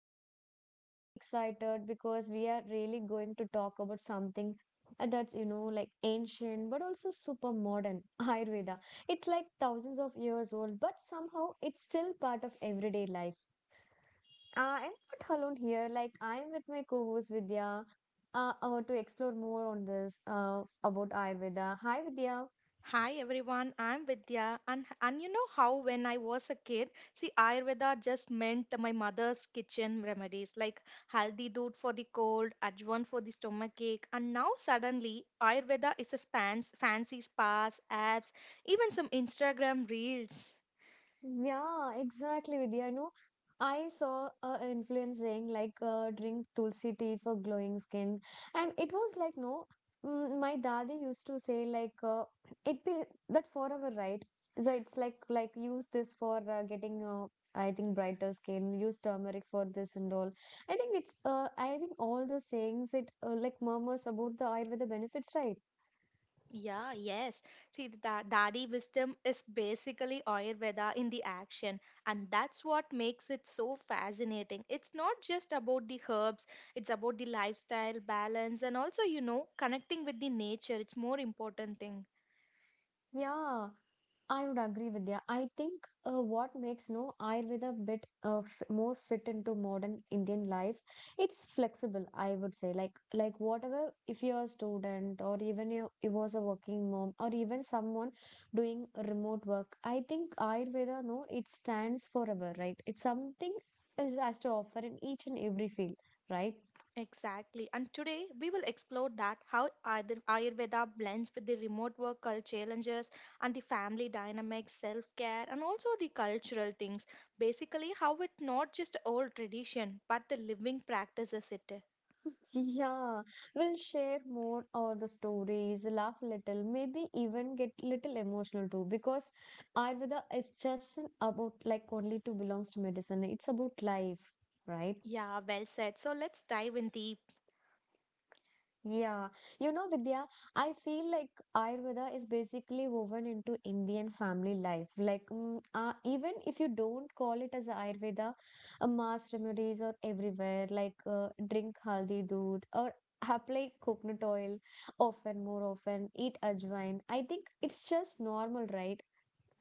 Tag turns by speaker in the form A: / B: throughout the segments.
A: I'm feeling really excited because we are really going to talk about something that's like ancient but also super modern Ayurveda. It's like thousands of years old, but somehow it's still part of everyday life. I'm not alone here. Like I'm with my co-host Vidya. To explore more on this about Ayurveda. Hi, Vidya.
B: Hi everyone, I'm Vidya, and you know how when I was a kid, see Ayurveda just meant my mother's kitchen remedies like haldi dood for the cold, ajwan for the stomach ache, and now suddenly Ayurveda is a spans, fancy spas, apps, even some Instagram reels.
A: Yeah, exactly, Vidya. I know, I saw a influence saying like drink tulsi tea for glowing skin, and it was like no, my dadi used to say like it be that forever, right? So it's like use this for getting I think brighter skin. Use turmeric for this and all. I think it's I think all those sayings it like murmurs about the Ayurveda benefits, right?
B: Yeah, yes. See, that Dadi wisdom is basically Ayurveda in the action, and that's what makes it so fascinating. It's not just about the herbs, it's about the lifestyle balance and also, you know, connecting with the nature. It's more important thing.
A: Yeah, I would agree with you. I think what makes no Ayurveda a bit f more fit into modern Indian life, it's flexible, I would say. Like whatever, if you're a student or even you was a working mom or even someone doing remote work, I think Ayurveda, no, it stands forever, right? It's something is has to offer in each and every field, right?
B: Exactly. And today we will explore that how Ayurveda blends with the remote work culture challenges and the family dynamics, self care, and also the cultural things. Basically, how it not just old tradition but the living practices it.
A: Yeah, we'll share more or the stories, laugh little, maybe even get little emotional too, because Ayurveda is just about like only to belongs to medicine. It's about life, right?
B: Yeah, well said. So let's dive in deep.
A: Yeah, you know, Vidya, I feel like Ayurveda is basically woven into Indian family life. Like, even if you don't call it as Ayurveda, mass remedies are everywhere. Like, drink haldi doodh or apply coconut oil often, more often, eat ajwain. I think it's just normal, right?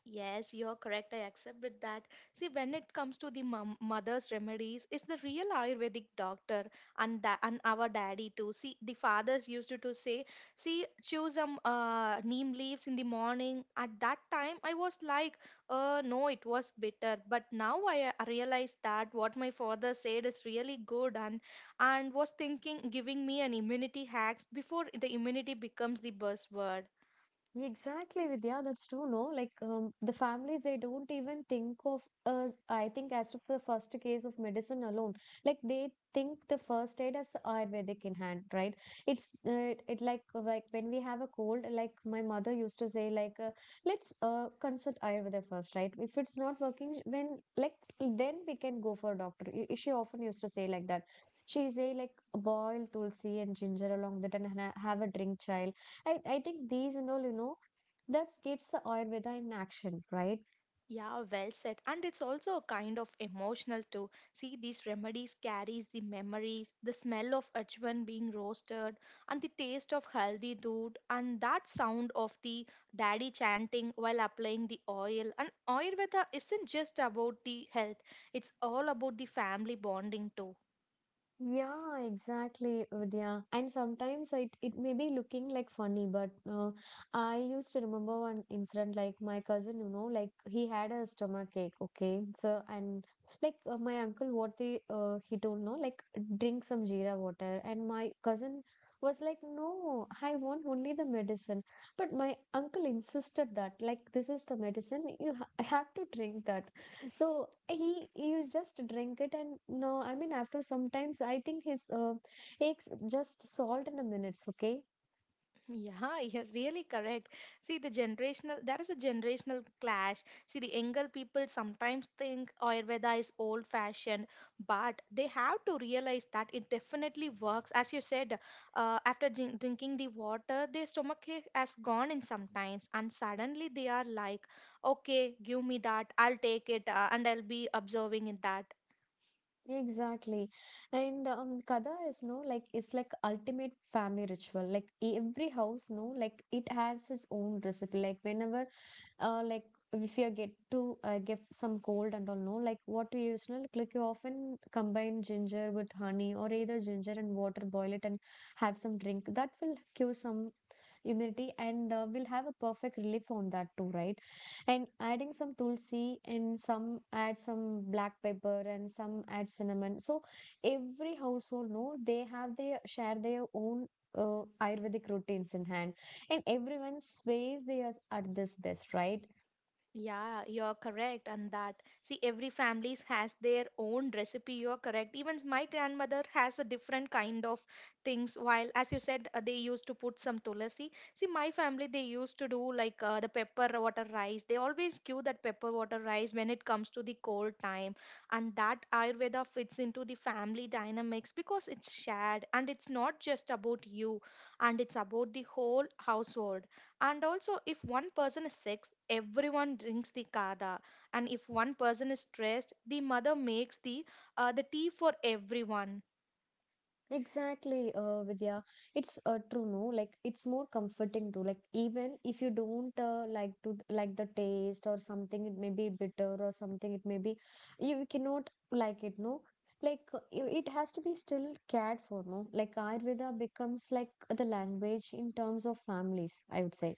B: Yes, you're correct. I accept with that. See, when it comes to the mom, mother's remedies, it's the real Ayurvedic doctor and that and our daddy too. See, the fathers used to say, see, chew some neem leaves in the morning. At that time, I was like, no, it was bitter. But now I realize that what my father said is really good and was thinking giving me an immunity hacks before the immunity becomes the buzzword.
A: Exactly, Vidya. That's true. No, like the families, they don't even think of us, I think, as if the first case of medicine alone. Like they think the first aid as Ayurvedic in hand, right? It's it like when we have a cold, like my mother used to say, like let's consult Ayurveda first, right? If it's not working, when like then we can go for a doctor. She often used to say like that. She say like boil tulsi and ginger along that and have a drink, child. I think these and all, you know, that's gets the Ayurveda in action, right?
B: Yeah, well said. And it's also a kind of emotional too. See, these remedies carries the memories, the smell of ajwan being roasted, and the taste of haldi dood, and that sound of the daddy chanting while applying the oil. And Ayurveda isn't just about the health; it's all about the family bonding too.
A: Yeah, exactly, Vidya. And sometimes it may be looking like funny, but I used to remember one incident like my cousin, you know, like he had a stomach ache, okay? So, and like my uncle, what they, he told, no, like drink some jeera water. And my cousin was like, no, I want only the medicine. But my uncle insisted that, like, this is the medicine, you ha have to drink that. So he used just drink it and no, I mean after sometimes I think his eggs just salt in a minutes, okay?
B: Yeah, you're really correct. See, the generational, there is a generational clash. See, the younger people sometimes think Ayurveda is old fashioned, but they have to realize that it definitely works. As you said, after drinking the water, their stomach ache has gone in sometimes, and suddenly they are like, okay, give me that, I'll take it, and I'll be observing in that.
A: Exactly. And Kada is no like it's like ultimate family ritual. Like every house, no, like it has its own recipe. Like whenever uh like if you get to give some cold and all no, like what we use no, like you often combine ginger with honey or either ginger and water, boil it and have some drink. That will cure some immunity and we'll have a perfect relief on that too, right? And adding some tulsi and some add some black pepper and some add cinnamon, so every household no, they have their share their own ayurvedic routines in hand, and everyone sways theirs at this best, right?
B: Yeah, you're correct and that. See, every family has their own recipe. You're correct. Even my grandmother has a different kind of things. While, as you said, they used to put some tulasi. See, my family, they used to do like the pepper water rice. They always give that pepper water rice when it comes to the cold time. And that Ayurveda fits into the family dynamics because it's shared and it's not just about you and it's about the whole household and also, if one person is sick, everyone drinks the kada, and if one person is stressed, the mother makes the tea for everyone.
A: Exactly, Vidya. It's true, no? Like it's more comforting too. Like even if you don't like to like the taste or something, it may be bitter or something. It may be you cannot like it, no? Like it has to be still cared for, no? Like Ayurveda becomes like the language in terms of families, I would say.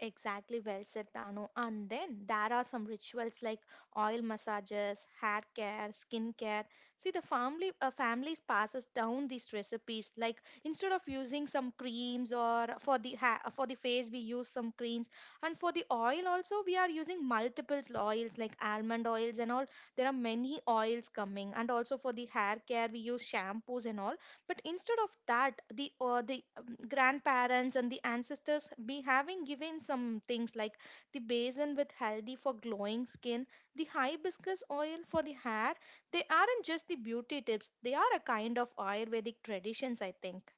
B: Exactly, well said, Tanu. And then there are some rituals like oil massages, hair care, skin care. See, the family families passes down these recipes. Like instead of using some creams or for for the face, we use some creams, and for the oil also we are using multiple oils like almond oils and all. There are many oils coming, and also for the hair care we use shampoos and all, but instead of that the grandparents and the ancestors be having given some things like the basin with haldi for glowing skin, the hibiscus oil for the hair. They aren't just the beauty tips, they are a kind of Ayurvedic traditions, I think.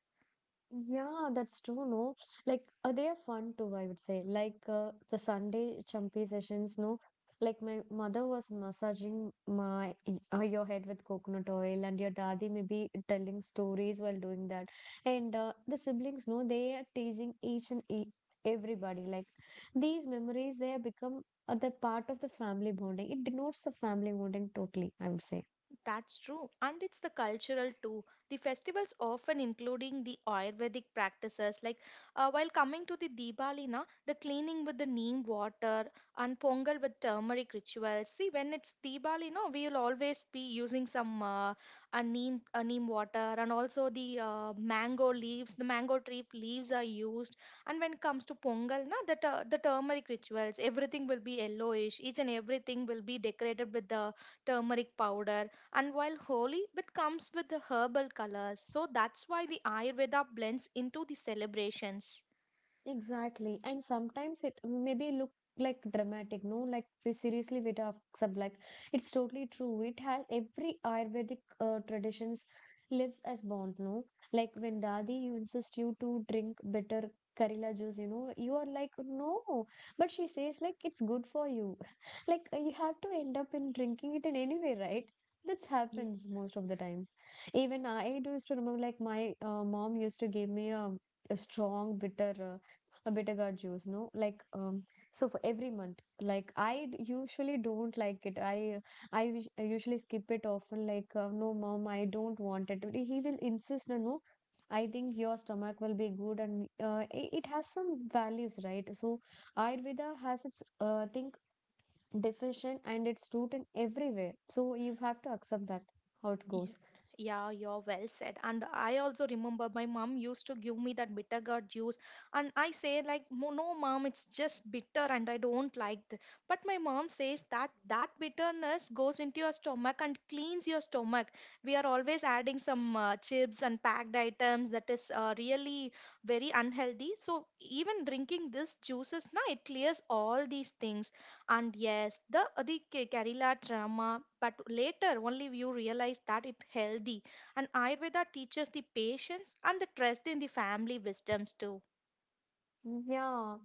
A: Yeah, that's true, no? Like, they are fun too, I would say. Like, the Sunday chumpy sessions, no? Like, my mother was massaging my your head with coconut oil, and your daddy may be telling stories while doing that. And the siblings, no, they are teasing each and e everybody. Like, these memories, they have become the part of the family bonding. It denotes the family bonding totally, I would say.
B: That's true, and it's the cultural too. The festivals often including the Ayurvedic practices. Like while coming to the Diwali, na, the cleaning with the neem water and Pongal with turmeric rituals. See, when it's Diwali, no, we will always be using some a neem water and also the mango leaves. The mango tree leaves are used. And when it comes to Pongal, na, the turmeric rituals, everything will be yellowish. Each and everything will be decorated with the turmeric powder, and while holy, it comes with the herbal colors. So that's why the Ayurveda blends into the celebrations.
A: Exactly. And sometimes it maybe look like dramatic, no? Like we seriously we have some like it's totally true. It has every Ayurvedic traditions lives as bond, no? Like when Dadi you insist you to drink bitter Karela juice, you know, you are like no, but she says like it's good for you. Like you have to end up in drinking it in any way, right? That
B: Yes.
A: happens most of the times. Even I do used to remember like my mom used to give me a strong bitter a bitter juice no like so for every month like usually don't like it. I usually skip it often like no mom, I don't want it. But he will insist, no no, I think your stomach will be good and it has some values, right? So ayurveda has its I think definition and its root in everywhere, so you have to accept that how it
B: Yeah,
A: goes.
B: yeah, you're well said. And I also remember my mom used to give me that bitter gourd juice, and I say like, "Mo- no, mom, it's just bitter, and I don't like it." But my mom says that that bitterness goes into your stomach and cleans your stomach. We are always adding some chips and packed items that is really very unhealthy. So even drinking this juices, now it clears all these things, and yes, Kerala drama, but later only you realize that it's healthy. And Ayurveda teaches the patience and the trust in the family wisdoms too.
A: Yeah.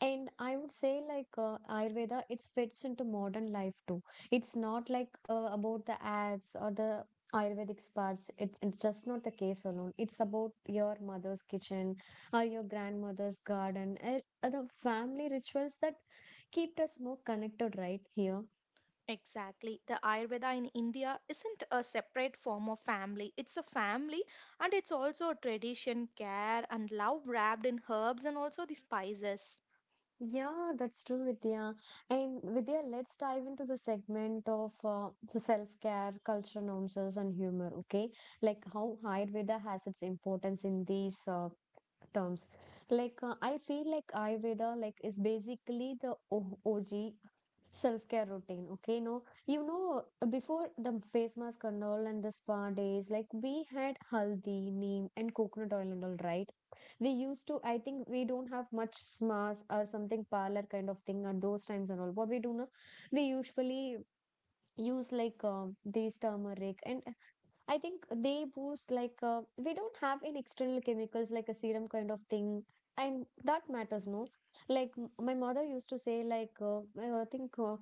A: And I would say like Ayurveda, it fits into modern life too. It's not like about the apps or the Ayurvedic spas. It's just not the case alone. It's about your mother's kitchen or your grandmother's garden and the family rituals that keep us more connected right here.
B: Exactly. The Ayurveda in India isn't a separate form of family. It's a family and it's also a tradition, care, and love wrapped in herbs and also the spices.
A: Yeah, that's true, Vidya. And Vidya, let's dive into the segment of the self-care, cultural nuances, and humor, okay? Like how Ayurveda has its importance in these terms. Like I feel like Ayurveda like is basically the OG self-care routine. Okay, no, you know, before the face mask and all and the spa days, like we had haldi, neem, and coconut oil and all, right? We used to. I think we don't have much smas or something parlor kind of thing at those times and all. What we do now, we usually use like these turmeric and I think they boost like we don't have any external chemicals like a serum kind of thing, and that matters no. Like my mother used to say, like I think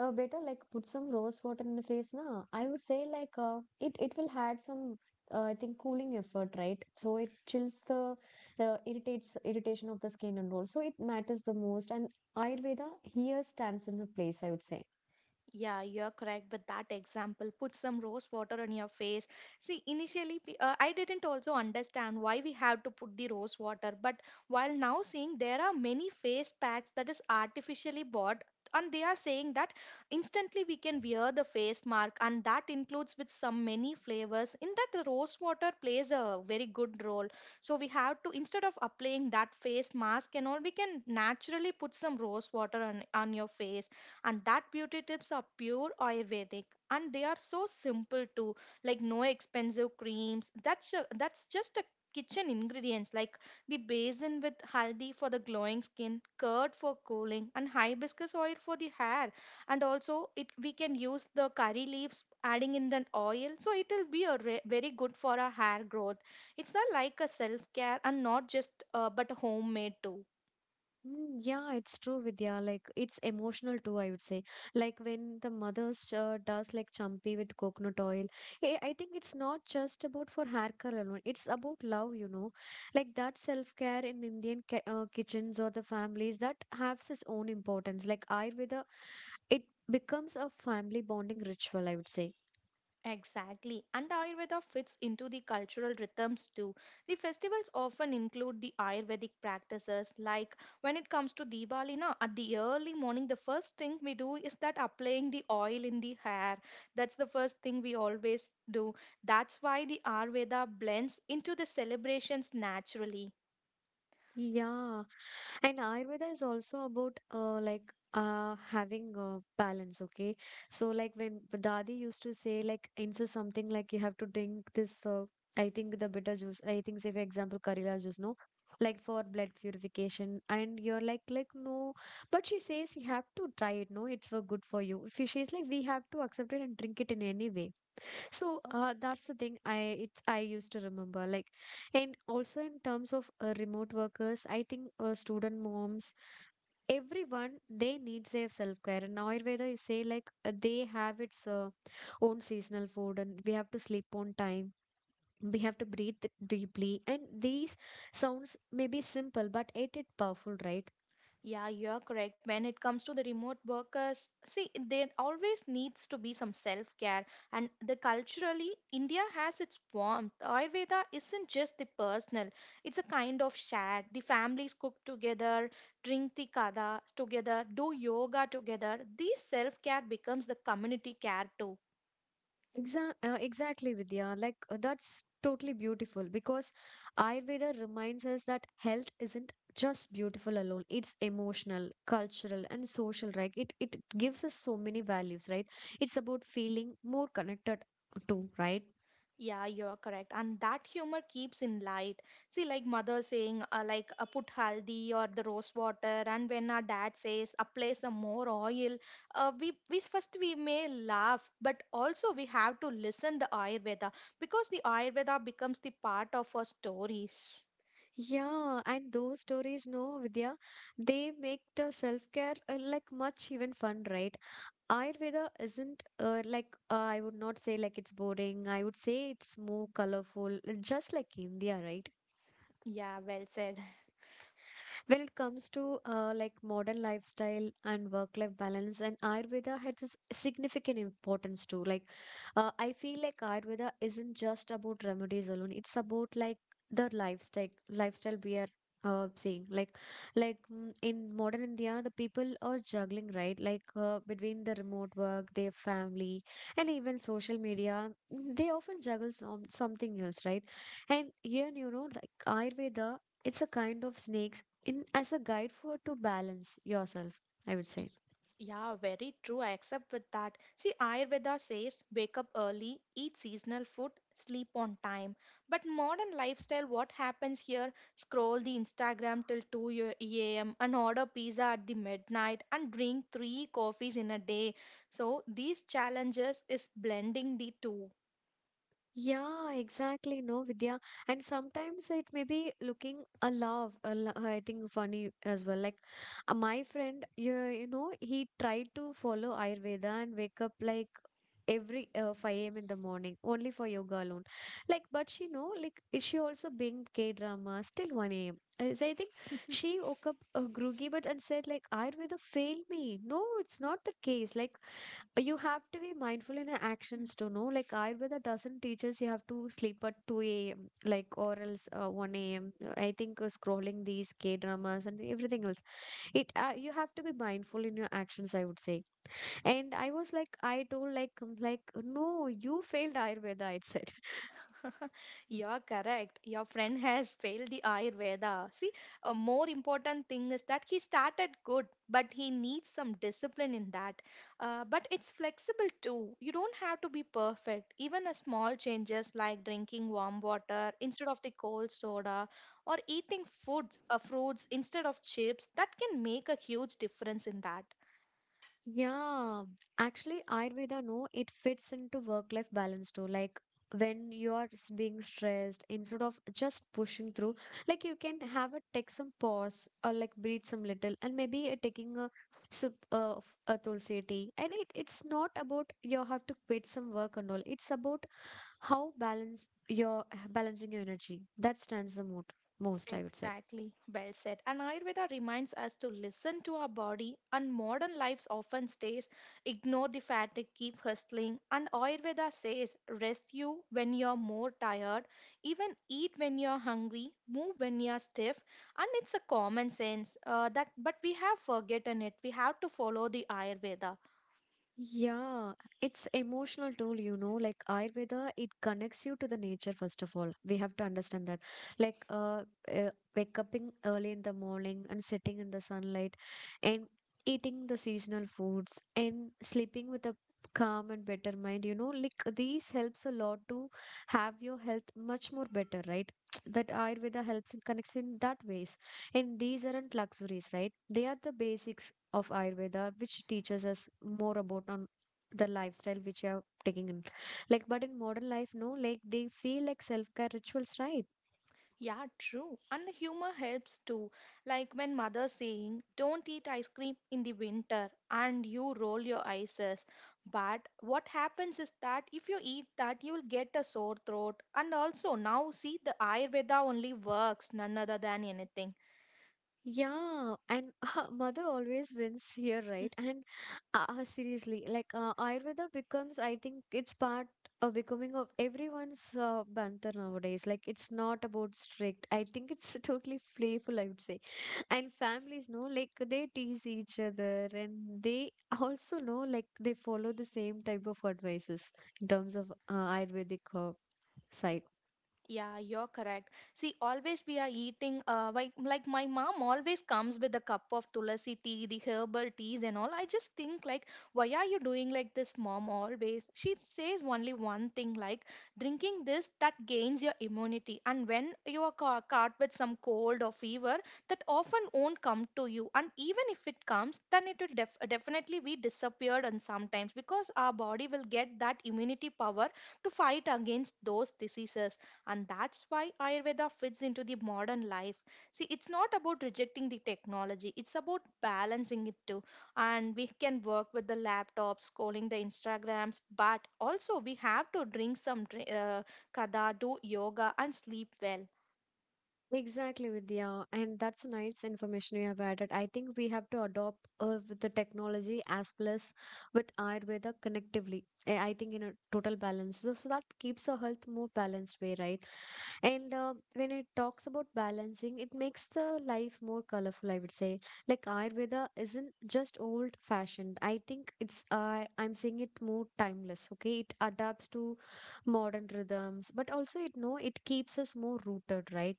A: better like put some rose water in the face na. I would say like it will had some I think cooling effort, right? So it chills the irritates irritation of the skin and all. So it matters the most, and Ayurveda here stands in a place, I would say.
B: Yeah, you're correct. But that example, put some rose water on your face. See, initially, I didn't also understand why we have to put the rose water. But while now seeing there are many face packs that is artificially bought, and they are saying that instantly we can wear the face mark, and that includes with some many flavors. In that, the rose water plays a very good role. So we have to instead of applying that face mask and all, we can naturally put some rose water on your face, and that beauty tips are pure Ayurvedic, and they are so simple too, like no expensive creams. That's a, that's just a kitchen ingredients like the basin with haldi for the glowing skin, curd for cooling, and hibiscus oil for the hair. And also it we can use the curry leaves adding in the oil, so it will be a very good for our hair growth. It's not like a self care and not just but a homemade too.
A: Yeah, it's true, Vidya. Like it's emotional too, I would say. Like when the mother's does like champi with coconut oil, I think it's not just about for hair care alone. It's about love, you know. Like that self-care in Indian ki kitchens or the families that has its own importance. Like Ayurveda, it becomes a family bonding ritual, I would say.
B: Exactly. And Ayurveda fits into the cultural rhythms too. The festivals often include the Ayurvedic practices. Like when it comes to Diwali, na, at the early morning, the first thing we do is that applying the oil in the hair. That's the first thing we always do. That's why the Ayurveda blends into the celebrations naturally.
A: Yeah, and Ayurveda is also about having a balance, okay? So like when the Dadi used to say like insist something like you have to drink this I think the bitter juice, I think say for example Karela juice, no? Like for blood purification and you're like no, but she says you have to try it, no, it's for good for you. If She's like we have to accept it and drink it in any way. So that's the thing I it's I used to remember like, and also in terms of remote workers I think student moms, everyone they need their self care, and Ayurveda you say like they have its own seasonal food, and we have to sleep on time, we have to breathe deeply, and these sounds may be simple but it is powerful, right?
B: Yeah, you're correct. When it comes to the remote workers, see, there always needs to be some self care. And the culturally, India has its warmth. Ayurveda isn't just the personal, it's a kind of shared. The families cook together, drink the kada together, do yoga together. This self care becomes the community care too.
A: Exactly, Vidya. Like, that's totally beautiful because Ayurveda reminds us that health isn't just beautiful alone. It's emotional, cultural, and social, right? It gives us so many values, right? It's about feeling more connected to, right?
B: Yeah, you're correct. And that humor keeps in light. See, like mother saying, put haldi or the rose water. And when our dad says, apply some more oil, we first we may laugh, but also we have to listen the Ayurveda because the Ayurveda becomes the part of our stories.
A: Yeah, and those stories, no, Vidya, they make the self-care like much even fun, right? Ayurveda isn't I would not say like it's boring. I would say it's more colorful, just like India, right?
B: Yeah, well said.
A: When it comes to like modern lifestyle and work-life balance, and Ayurveda has its significant importance too. Like, I feel like Ayurveda isn't just about remedies alone. It's about like the lifestyle we are seeing. Like, in modern India, the people are juggling, right, like between the remote work, their family, and even social media. They often juggle something else, right? And here, like Ayurveda. It's a kind of snake in as a guide for to balance yourself, I would
B: Y-
A: say.
B: Yeah, very true. I accept with that. See, Ayurveda says wake up early, eat seasonal food, sleep on time. But modern lifestyle, what happens here? Scroll the Instagram till 2 a.m. and order pizza at the midnight and drink 3 coffees in a day. So these challenges is blending the two.
A: Yeah, exactly, no, Vidya. And sometimes it may be looking a love a lo- I think funny as well. Like, my friend, you know, he tried to follow Ayurveda and wake up like every 5 a.m in the morning only for yoga alone. Like, but she know, like is she also being K drama still 1 a.m, as I think. She woke up groggy, but and said like Ayurveda failed me. No, it's not the case. Like, you have to be mindful in your actions to know, like Ayurveda doesn't teach us you have to sleep at 2 a.m, like, or else 1 a.m. I think scrolling these K dramas and everything else, it, you have to be mindful in your actions, I would say. And I was like, I told like, like, no, you failed Ayurveda, I said.
B: You're correct. Your friend has failed the Ayurveda. See, a more important thing is that he started good, but he needs some discipline in that. But it's flexible too. You don't have to be perfect. Even a small changes like drinking warm water instead of the cold soda or eating foods, fruits instead of chips, that can make a huge difference in that.
A: Yeah, actually, Ayurveda, no, it fits into work-life balance too. Like, when you are being stressed, instead of just pushing through, like you can have a take some pause or like breathe some little, and maybe taking a sip of a tulsi tea. And it, it's not about you have to quit some work and all. It's about how balance your balancing your energy. That stands the most, I would say.
B: Exactly, well said. And Ayurveda reminds us to listen to our body, and modern lives often stays ignore the fatigue, keep hustling. And Ayurveda says rest you when you're more tired, even eat when you're hungry, move when you're stiff. And it's a common sense that, but we have forgotten it. We have to follow the Ayurveda.
A: Yeah, it's emotional tool, you know, like Ayurveda, it connects you to the nature, first of all. We have to understand that. Like uh wake up in early in the morning and sitting in the sunlight, and eating the seasonal foods and sleeping with a calm and better mind, you know, like these helps a lot to have your health much more better, right? That Ayurveda helps and connects in that ways. And these aren't luxuries, right? They are the basics of Ayurveda, which teaches us more about on the lifestyle which you are taking in. Like, but in modern life, no, like they feel like self care rituals, right?
B: Yeah, true. And the humor helps too. Like when mother saying, "Don't eat ice cream in the winter," and you roll your eyes. But what happens is that if you eat that, you will get a sore throat. And also now see the Ayurveda only works none other than anything.
A: Yeah, and mother always wins here, right? And seriously, like, Ayurveda becomes, I think it's part of becoming of everyone's banter nowadays. Like, it's not about strict. I think it's totally playful, I would say. And families know, like they tease each other and they also know, like they follow the same type of advices in terms of Ayurvedic side.
B: Yeah, you're correct. See, always we are eating, like my mom always comes with a cup of tulsi tea, the herbal teas and all. I just think like, why are you doing like this, mom, always? She says only one thing like, drinking this, that gains your immunity. And when you are caught with some cold or fever, that often won't come to you. And even if it comes, then it will definitely be disappeared and sometimes because our body will get that immunity power to fight against those diseases, and that's why Ayurveda fits into the modern life. See, it's not about rejecting the technology, it's about balancing it too. And we can work with the laptops, scrolling the Instagrams, but also we have to drink some kada, do yoga, and sleep well.
A: Exactly, Vidya, and that's a nice information you have added. I think we have to adopt with the technology as plus with Ayurveda connectively, I think in a total balance, so that keeps our health more balanced way, right? And when it talks about balancing, it makes the life more colorful, I would say. Like Ayurveda isn't just old fashioned. I think it's, I'm saying it more timeless, okay? It adapts to modern rhythms, but also it, no, it keeps us more rooted, right?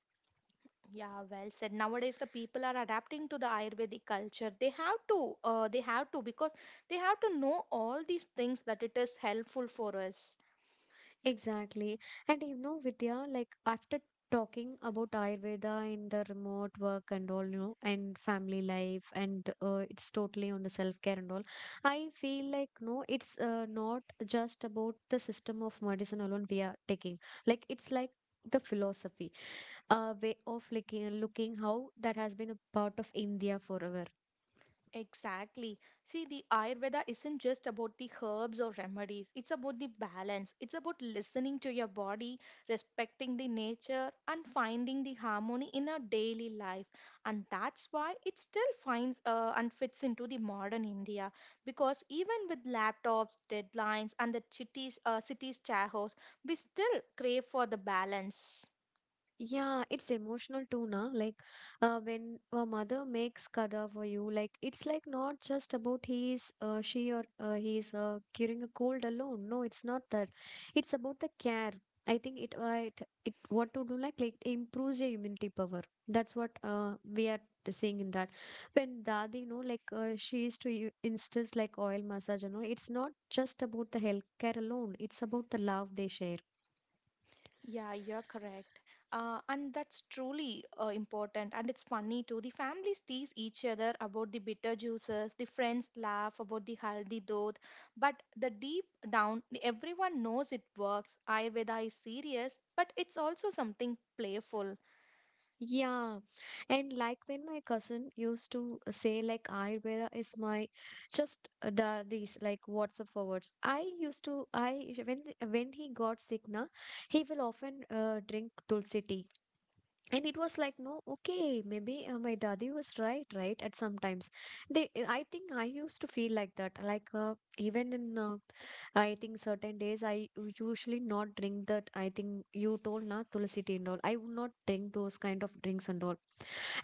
B: Yeah, well said. Nowadays, the people are adapting to the Ayurvedic culture. They have to, because they have to know all these things that it is helpful for us.
A: Exactly. And you know, Vidya, like after talking about Ayurveda in the remote work and all, you know, and family life, and it's totally on the self-care and all, I feel like, no, it's not just about the system of medicine alone we are taking. Like, it's like the philosophy, a way of looking, how that has been a part of India forever.
B: Exactly. See, the Ayurveda isn't just about the herbs or remedies, it's about the balance. It's about listening to your body, respecting the nature, and finding the harmony in our daily life. And that's why it still finds and fits into the modern India. Because even with laptops, deadlines, and the cities' chaos, we still crave for the balance.
A: Yeah, it's emotional too, na. Like, when a mother makes kada for you, like it's like not just about he's, she or he's curing a cold alone. No, it's not that. It's about the care. I think it, it what to do, like it improves your immunity power. That's what we are seeing in that. When Dadi, you know, like she is to insist like oil massage, you know, it's not just about the health care alone. It's about the love they share.
B: Yeah, you're correct. And that's truly important. And it's funny too. The families tease each other about the bitter juices, the friends laugh about the haldi dodh. But the deep down, everyone knows it works. Ayurveda is serious, but it's also something playful.
A: Yeah, and like when my cousin used to say like Ayurveda is my just the these like WhatsApp forwards. I used to I When he got sick na, he will often drink tulsi tea, and it was like, no, okay, maybe my daddy was right right at sometimes. They, I think I used to feel like that, like even in, I think certain days I usually not drink that. I think you told na tulsi tea and all. I would not drink those kind of drinks and all.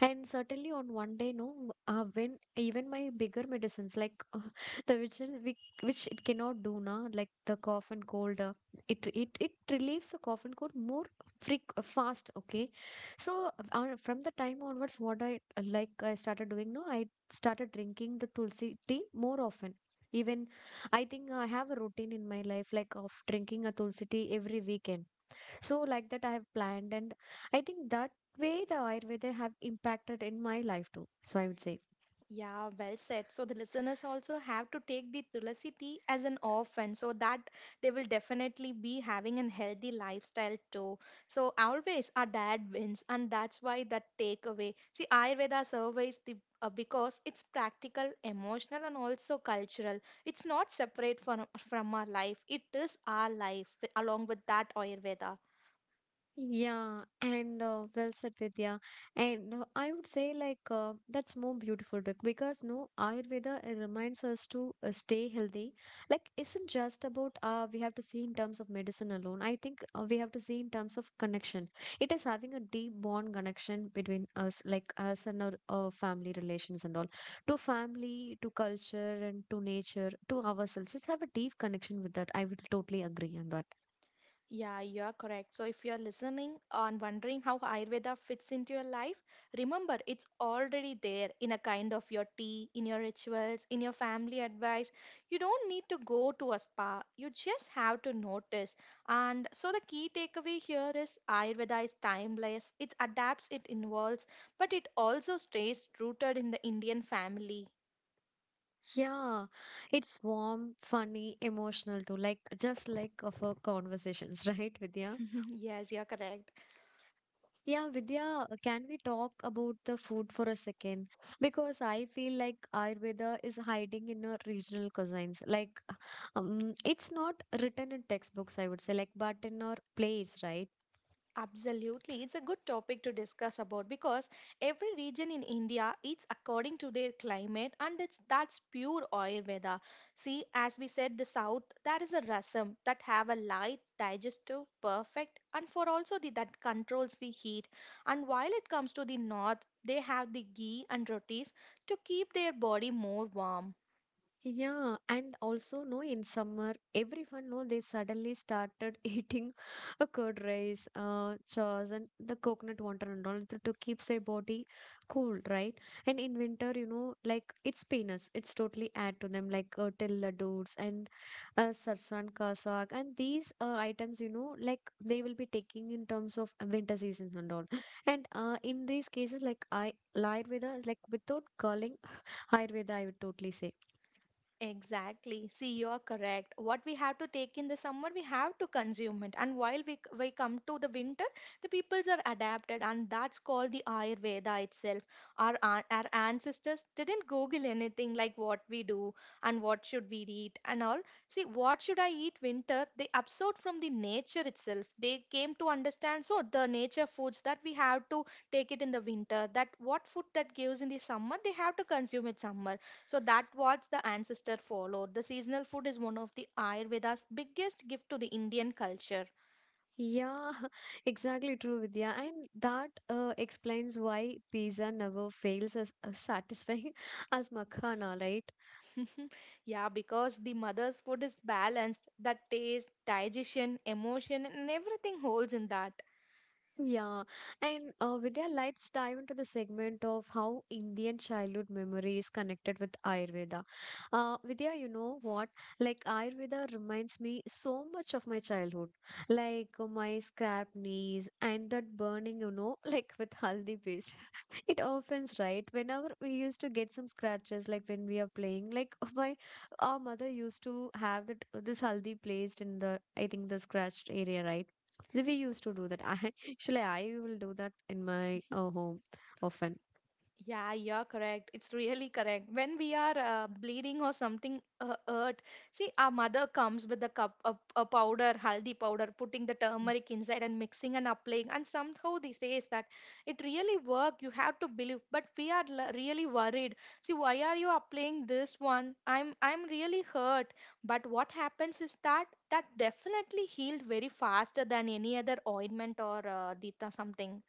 A: And certainly on one day, no, when even my bigger medicines like the which it cannot do now, like the cough and cold, it it it relieves the cough and cold more freak fast. Okay, so from the time onwards, what I like I started doing now, I started drinking the tulsi tea more often. Even I think I have a routine in my life, like of drinking a tulsi tea every weekend. So like that I have planned and I think that way the Ayurveda have impacted in my life too, so I would say.
B: Yeah, well said. So the listeners also have to take the Tulasi tea as an orphan so that they will definitely be having a healthy lifestyle too. So always our dad wins and that's why that takeaway. See, Ayurveda surveys the because it's practical, emotional and also cultural. It's not separate from our life. It is our life along with that Ayurveda.
A: Yeah, and well said, Vidya. And I would say, like, that's more beautiful because, no, Ayurveda, it reminds us to stay healthy. Like, isn't just about we have to see in terms of medicine alone. I think we have to see in terms of connection. It is having a deep bond connection between us, like us and our family relations and all, to family, to culture, and to nature, to ourselves. Let's have a deep connection with that. I would totally agree on that.
B: Yeah, you are correct. So, if you're listening and wondering how Ayurveda fits into your life, remember it's already there in a kind of your tea, in your rituals, in your family advice. You don't need to go to a spa, you just have to notice. And so, the key takeaway here is Ayurveda is timeless, it adapts, it involves, but it also stays rooted in the Indian family.
A: Yeah, it's warm, funny, emotional too, like just like of our conversations, right, Vidya?
B: Yes, you're correct.
A: Yeah, Vidya, can we talk about the food for a second? Because I feel like Ayurveda is hiding in our regional cuisines. Like, it's not written in textbooks, I would say, like, but in our plates, right?
B: Absolutely. It's a good topic to discuss about because every region in India eats according to their climate and it's that's pure Ayurveda. See, as we said, the south, that is a rasam that have a light, digestive, perfect, and for also the that controls the heat. And while it comes to the north, they have the ghee and rotis to keep their body more warm.
A: Yeah, and also no, in summer, everyone know they suddenly started eating a curd rice, chaws, and the coconut water and all to keep their body cool, right? And in winter, you know, like it's peanuts, it's totally add to them like till ladoos and sarsan ka saag, and these items, you know, like they will be taking in terms of winter seasons and all. And in these cases, like I, Ayurveda, like without calling Ayurveda, I would totally say.
B: Exactly. See, you're correct. What we have to take in the summer, we have to consume it. And while we come to the winter, the peoples are adapted, and that's called the Ayurveda itself. Our ancestors didn't Google anything like what we do and what should we eat and all. See, what should I eat winter? They absorbed from the nature itself. They came to understand, so the nature foods that we have to take it in the winter, that what food that gives in the summer, they have to consume it summer so that was the ancestor followed. The seasonal food is one of the Ayurveda's biggest gift to the Indian culture.
A: Yeah, exactly true, Vidya. And that explains why pizza never fails as satisfying as makhana, right?
B: Yeah, because the mother's food is balanced. That taste, digestion, emotion, and everything holds in that.
A: Yeah, and Vidya, let's dive into the segment of how Indian childhood memory is connected with Ayurveda. Vidya, you know what? Like, Ayurveda reminds me so much of my childhood, like my scrap knees and that burning, you know, like with haldi paste. It offends, right? Whenever we used to get some scratches, like when we are playing, like my our mother used to have that this haldi placed in the, I think, the scratched area, right? We used to do that. I actually I will do that in my home often.
B: Yeah, you're correct. It's really correct. When we are bleeding or something hurt, see, our mother comes with a cup, a powder, haldi powder, putting the turmeric inside and mixing and applying. And somehow they says that it really work. You have to believe. But we are l- really worried. See, why are you applying this one? I'm really hurt. But what happens is that that definitely healed very faster than any other ointment or dita something.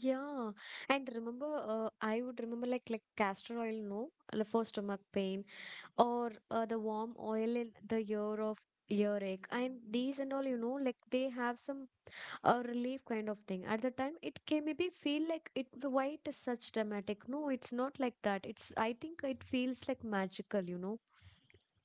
A: Yeah, and remember, I would remember like castor oil, no, like for stomach pain or the warm oil in the year of earache, and these and all, you know, like they have some relief kind of thing. At the time, it can maybe feel like it. Why it is such dramatic? No, it's not like that. It's, I think it feels like magical, you know.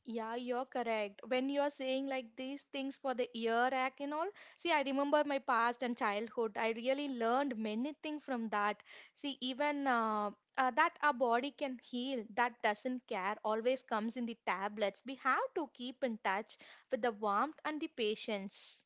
B: Yeah, you're correct. When you're saying like these things for the ear rack and all, see, I remember my past and childhood. I really learned many things from that. See, even that our body can heal, that doesn't care, always comes in the tablets. We have to keep in touch with the warmth and the patience.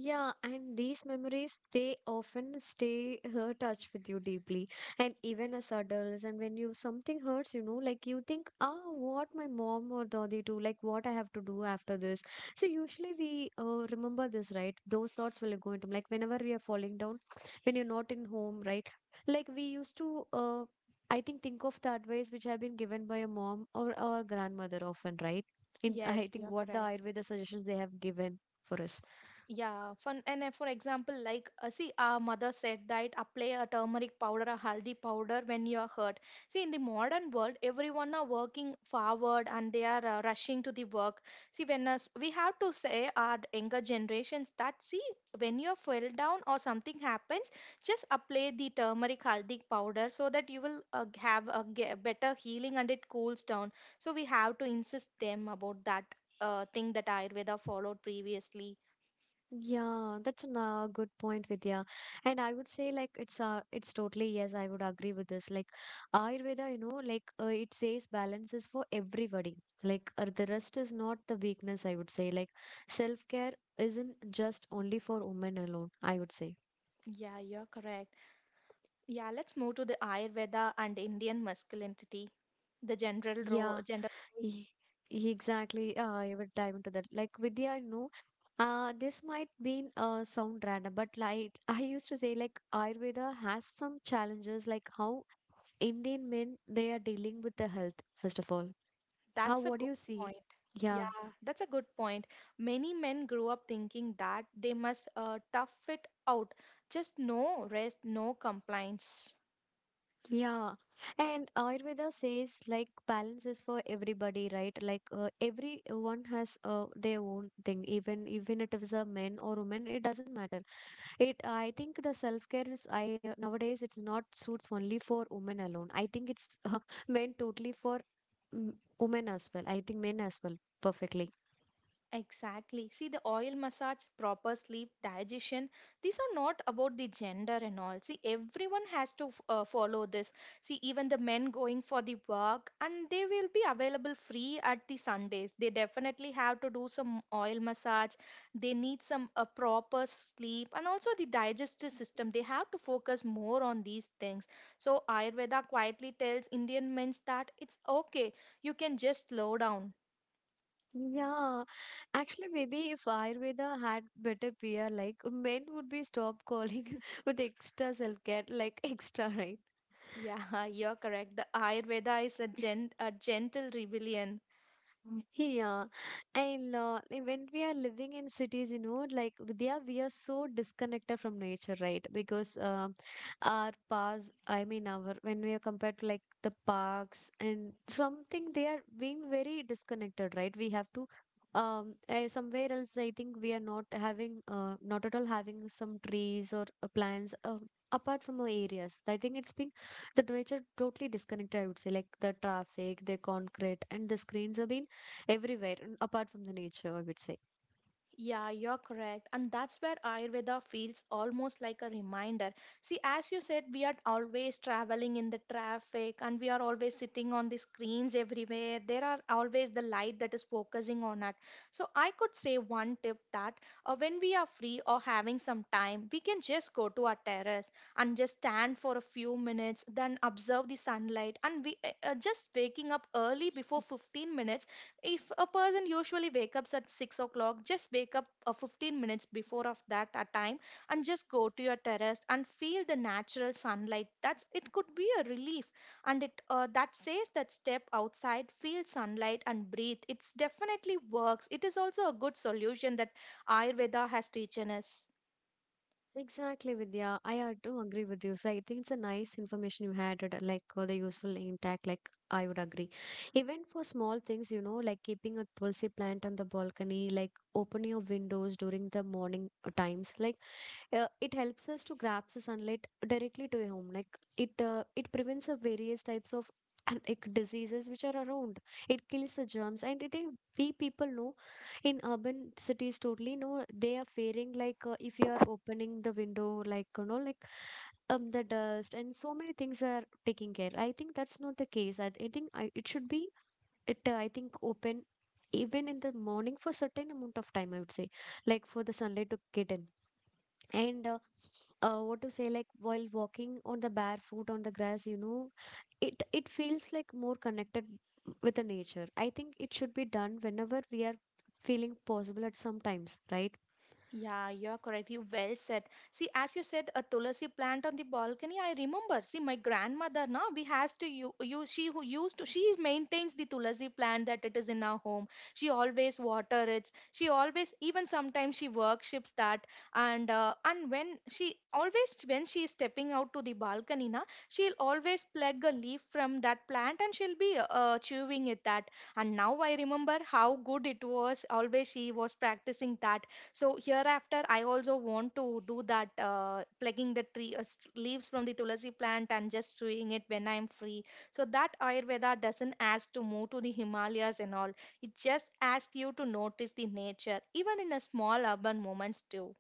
A: Yeah, and these memories, they often stay touch with you deeply. And even as adults, and when you something hurts, you know, like you think, ah, what my mom or daddy do, like what I have to do after this. So usually we remember this, right? Those thoughts will go into like whenever we are falling down, when you're not in home, right? Like we used to, think of the advice which have been given by a mom or our grandmother often, right? In I
B: Yes,
A: think
B: you're
A: what the
B: correct.
A: Ayurveda suggestions they have given for us.
B: Yeah, fun. And for example, like, see, our mother said that apply a turmeric powder, a haldi powder when you are hurt. See, in the modern world, everyone are working forward and they are rushing to the work. See, when us, we have to say our younger generations that see, when you fell down or something happens, just apply the turmeric haldi powder so that you will have a ge- better healing and it cools down. So we have to insist them about that thing that Ayurveda followed previously.
A: Yeah, that's a good point, Vidya. And I would say like it's totally yes, I would agree with this. Like Ayurveda, you know, like it says balance is for everybody. Like the rest is not the weakness, I would say. Like self-care isn't just only for women alone, I would say.
B: Yeah, you're correct. Yeah, let's move to the Ayurveda and Indian masculinity, the general role,
A: Yeah,
B: gender roles.
A: e- exactly. I would dive into that. Like Vidya, you know, this might be sound random, but like I used to say, like Ayurveda has some challenges, like how Indian men, they are dealing with the health, first of all. How,
B: That's a
A: what do
B: good
A: you see?
B: point.
A: Yeah,
B: Yeah, that's a good point. Many men grew up thinking that they must tough it out. Just no rest, no complaints.
A: yeah. And Ayurveda says like balance is for everybody, right? Like everyone has their own thing. Even if it's a man or woman, it doesn't matter. It, I think the self-care is, I nowadays it's not suits only for women alone. I think it's meant totally for mm, women as well. I think men as well. Perfectly.
B: Exactly. See, the oil massage, proper sleep, digestion, these are not about the gender and all. See, everyone has to follow this. See, even the men going for the work and they will be available free at the Sundays. They definitely have to do some oil massage. They need some proper sleep and also the digestive system. They have to focus more on these things. So, Ayurveda quietly tells Indian men that it's okay. You can just slow down.
A: Yeah, actually, maybe if Ayurveda had better PR, like men would be stopped calling with extra self care, like extra, right?
B: Yeah, you're correct. The Ayurveda is a gentle rebellion.
A: Yeah, and like when we are living in cities, you know, like Vidya, we are so disconnected from nature, right? Because our paths, I mean, our when we are compared to like the parks and something, they are being very disconnected, right? We have to somewhere else. I think we are not having not at all having some trees or plants. Apart from our areas, I think it's been the nature totally disconnected, I would say. Like the traffic, the concrete and the screens have been everywhere, apart from the nature, I would say.
B: Yeah, you're correct. And that's where Ayurveda feels almost like a reminder. See, as you said, we are always traveling in the traffic and we are always sitting on the screens everywhere. There are always the light that is focusing on us. So, I could say one tip that when we are free or having some time, we can just go to our terrace and just stand for a few minutes, then observe the sunlight. And we just waking up early before 15 minutes, if a person usually wake up at 6 o'clock, just wake up 15 minutes before of that time and just go to your terrace and feel the natural sunlight, that's it could be a relief. And it that says that step outside, feel sunlight, and breathe, it's definitely works. It is also a good solution that Ayurveda has teaching us.
A: Exactly, Vidya, I had to agree with you. So I think it's a nice information you had, like the useful impact. Like I would agree, even for small things, you know, like keeping a tulsi plant on the balcony, like opening your windows during the morning times. Like it helps us to grab the sunlight directly to a home. Like it it prevents the various types of like diseases which are around. It kills the germs and we people know in urban cities totally know, they are fearing like, if you are opening the window, like, you know, like the dust and so many things are taking care. I think that's not the case. I think it should be, it I think open even in the morning for certain amount of time, I would say, like for the sunlight to get in. And what to say, like while walking on the barefoot on the grass, you know, it feels like more connected with the nature. I think it should be done whenever we are feeling possible at some times, right?
B: Yeah, you are correct. You well said. See, as you said, a tulsi plant on the balcony. I remember. See, my grandmother now we has to you she who used to she maintains the tulsi plant that it is in our home. She always water it. She always even sometimes she worships that, and when she always when she is stepping out to the balcony now she'll always pluck a leaf from that plant and she'll be chewing it that. And now I remember how good it was. Always she was practicing that, so hereafter, I also want to do that, plucking the tree leaves from the tulsi plant and just sewing it when I'm free. So that Ayurveda doesn't ask to move to the Himalayas and all. It just asks you to notice the nature, even in a small urban moments too.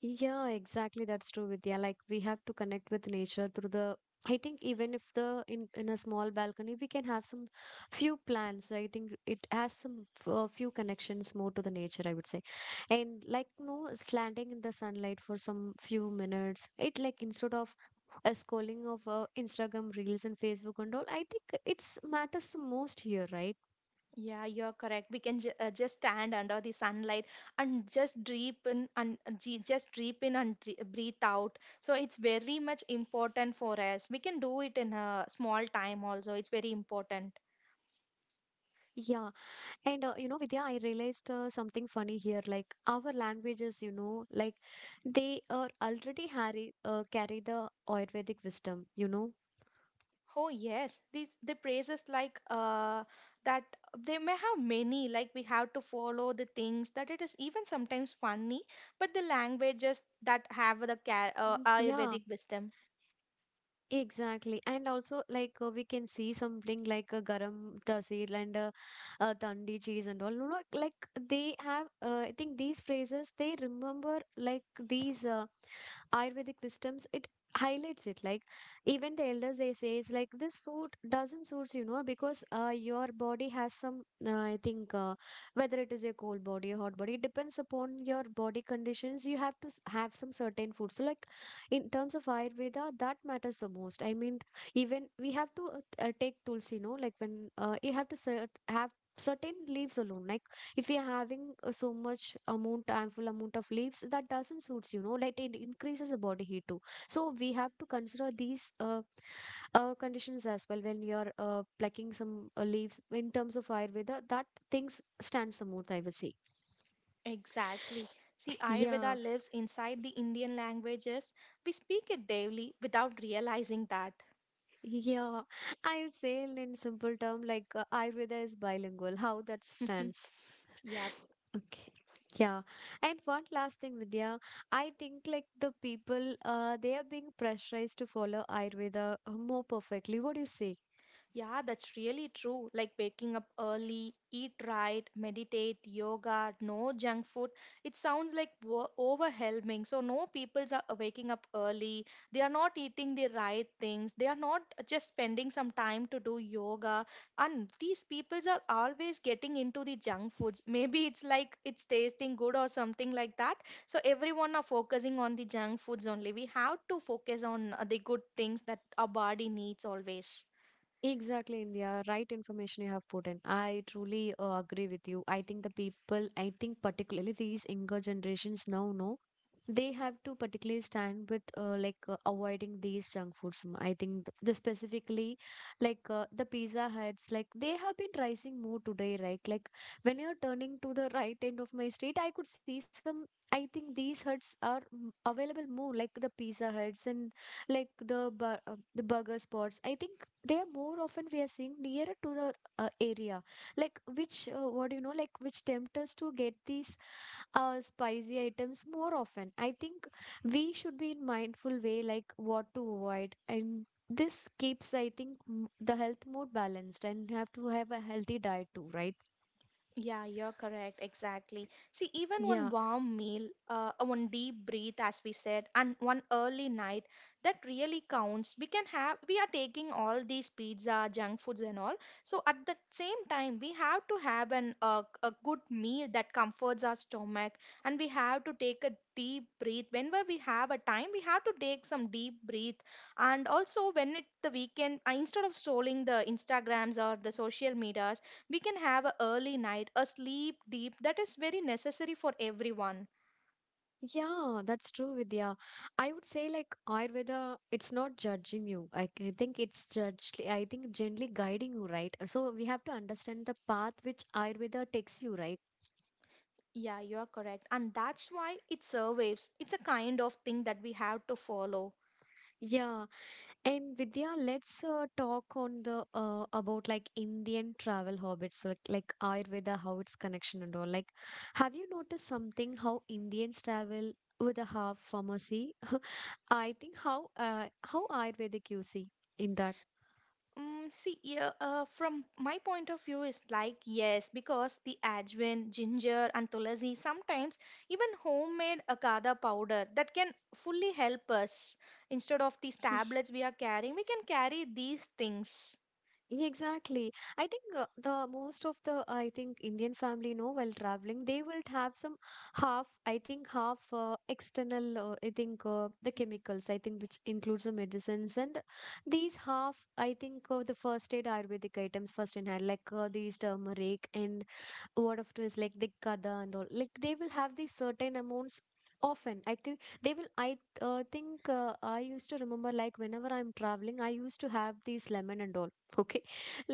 A: Yeah, exactly. That's true, Vidya. Like we have to connect with nature through the, I think, even if the in a small balcony we can have some few plants. So I think it has some few connections more to the nature, I would say. And like no slanting in the sunlight for some few minutes. It like instead of a scrolling of Instagram reels and Facebook and all, I think it's matters the most here, right?
B: Yeah, you're correct. We can just stand under the sunlight and just deep in and breathe out. So it's very much important for us. We can do it in a small time also. It's very important.
A: Yeah. And you know, Vidya, I realized something funny here. Like our languages, you know, like they are already carry the Ayurvedic wisdom, you know.
B: Oh yes, these the praises like that they may have many like we have to follow the things that it is even sometimes funny, but the languages that
A: Mhm.
B: have the
A: Yeah,
B: Ayurvedic wisdom.
A: exactly. And also, like, we can see something like a garam tasir and tandi cheese and all. No, no, like, they have, I think these phrases, they remember, like, these Ayurvedic wisdoms. It highlights it. Like, even the elders, they say, it's like, this food doesn't suit you, know, because your body has some, I think, whether it is a cold body, a hot body, it depends upon your body conditions. You have to have some certain food. So, like, in terms of ayurveda, that matters the most, I mean, even we have to take tulsi, no, like when you have to have certain leaves alone. Like if you're having so much amount, ample amount of leaves, that doesn't suits, you know, like it increases the body heat too. So we have to consider these conditions as well when you're plucking some leaves. In terms of ayurveda, that things stands the most, I would say.
B: Exactly. See, Ayurveda
A: Yeah,
B: lives inside the Indian languages. We speak it daily without realizing that.
A: Yeah, I would say in simple term, like Ayurveda is bilingual, how that stands.
B: Yeah.
A: Okay. Yeah. And one last thing, Vidya, I think like the people, uh, they are being pressurized to follow Ayurveda more perfectly. What do you say?
B: Yeah, that's really true. Like waking up early, eat right, meditate, yoga, no junk food. It sounds like wo- overwhelming. So, no people are waking up early. They are not eating the right things. They are not just spending some time to do yoga. And these people are always getting into the junk foods. Maybe it's like it's tasting good or something like that. So, everyone are focusing on the junk foods only. We have to focus on the good things that our body needs always.
A: Exactly, India. Right information you have put in. I truly agree with you. I think the people, I think particularly these younger generations now know, they have to particularly stand with like avoiding these junk foods. I think the specifically like the pizza huts, like they have been rising more today, right? Like when you're turning to the right end of my street, I could see some. I think these huts are available more, like the pizza huts and like the the burger spots. I think they are more often we are seeing nearer to the area, like which, what do you know, like which tempt us to get these spicy items more often. I think we should be in mindful way, like what to avoid, and this keeps, I think, the health more balanced, and you have to have a healthy diet too, right?
B: Yeah, you're correct. Exactly. See, even one
A: Yeah.
B: warm meal, one deep breath, as we said, and one early night, that really counts. We can have, we are taking all these pizza, junk foods, and all. So at the same time, we have to have an a good meal that comforts our stomach, and we have to take a deep breath. Whenever we have a time, we have to take some deep breath. And also, when it's the weekend, instead of strolling the Instagrams or the social media, we can have an early night a sleep deep that is very necessary for everyone.
A: Yeah, that's true, Vidya. I would say like Ayurveda, it's not judging you. I c- think it's judged, I think gently guiding you, right? So we have to understand the path which Ayurveda takes you, right?
B: Yeah, you are correct, and that's why it survives. It's a kind of thing that we have to follow.
A: Yeah. And Vidya, let's talk on the about like Indian travel habits, like Ayurveda, how it's connection and all. Like, have you noticed something how Indians travel with a half pharmacy? I think how Ayurvedic you see in that.
B: See, from my point of view, is like yes, because the ajwain, ginger, and tulasi sometimes even homemade akada powder that can fully help us. Instead of these tablets we are carrying, we can carry these things.
A: Exactly. I think the most of the, I think, Indian family, you know, while traveling, they will have some half, I think, half external, I think the chemicals, I think, which includes the medicines, and these half, I think, the first aid Ayurvedic items first in hand, like these turmeric and word of twist, like the kada and all, like they will have these certain amounts often. I think they will, I think, I used to remember, like whenever I'm traveling, I used to have these lemon and all. Okay,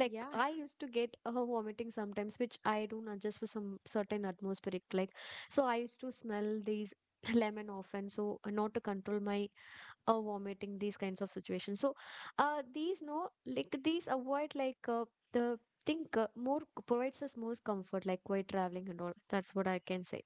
A: like
B: Yeah.
A: I used to get vomiting sometimes, which I don't adjust for some certain atmospheric, like, so I used to smell these lemon often, so, not to control my vomiting, these kinds of situations. So these, no, like these avoid, like, the, think, more provides us most comfort, like while traveling and all. That's what I can say.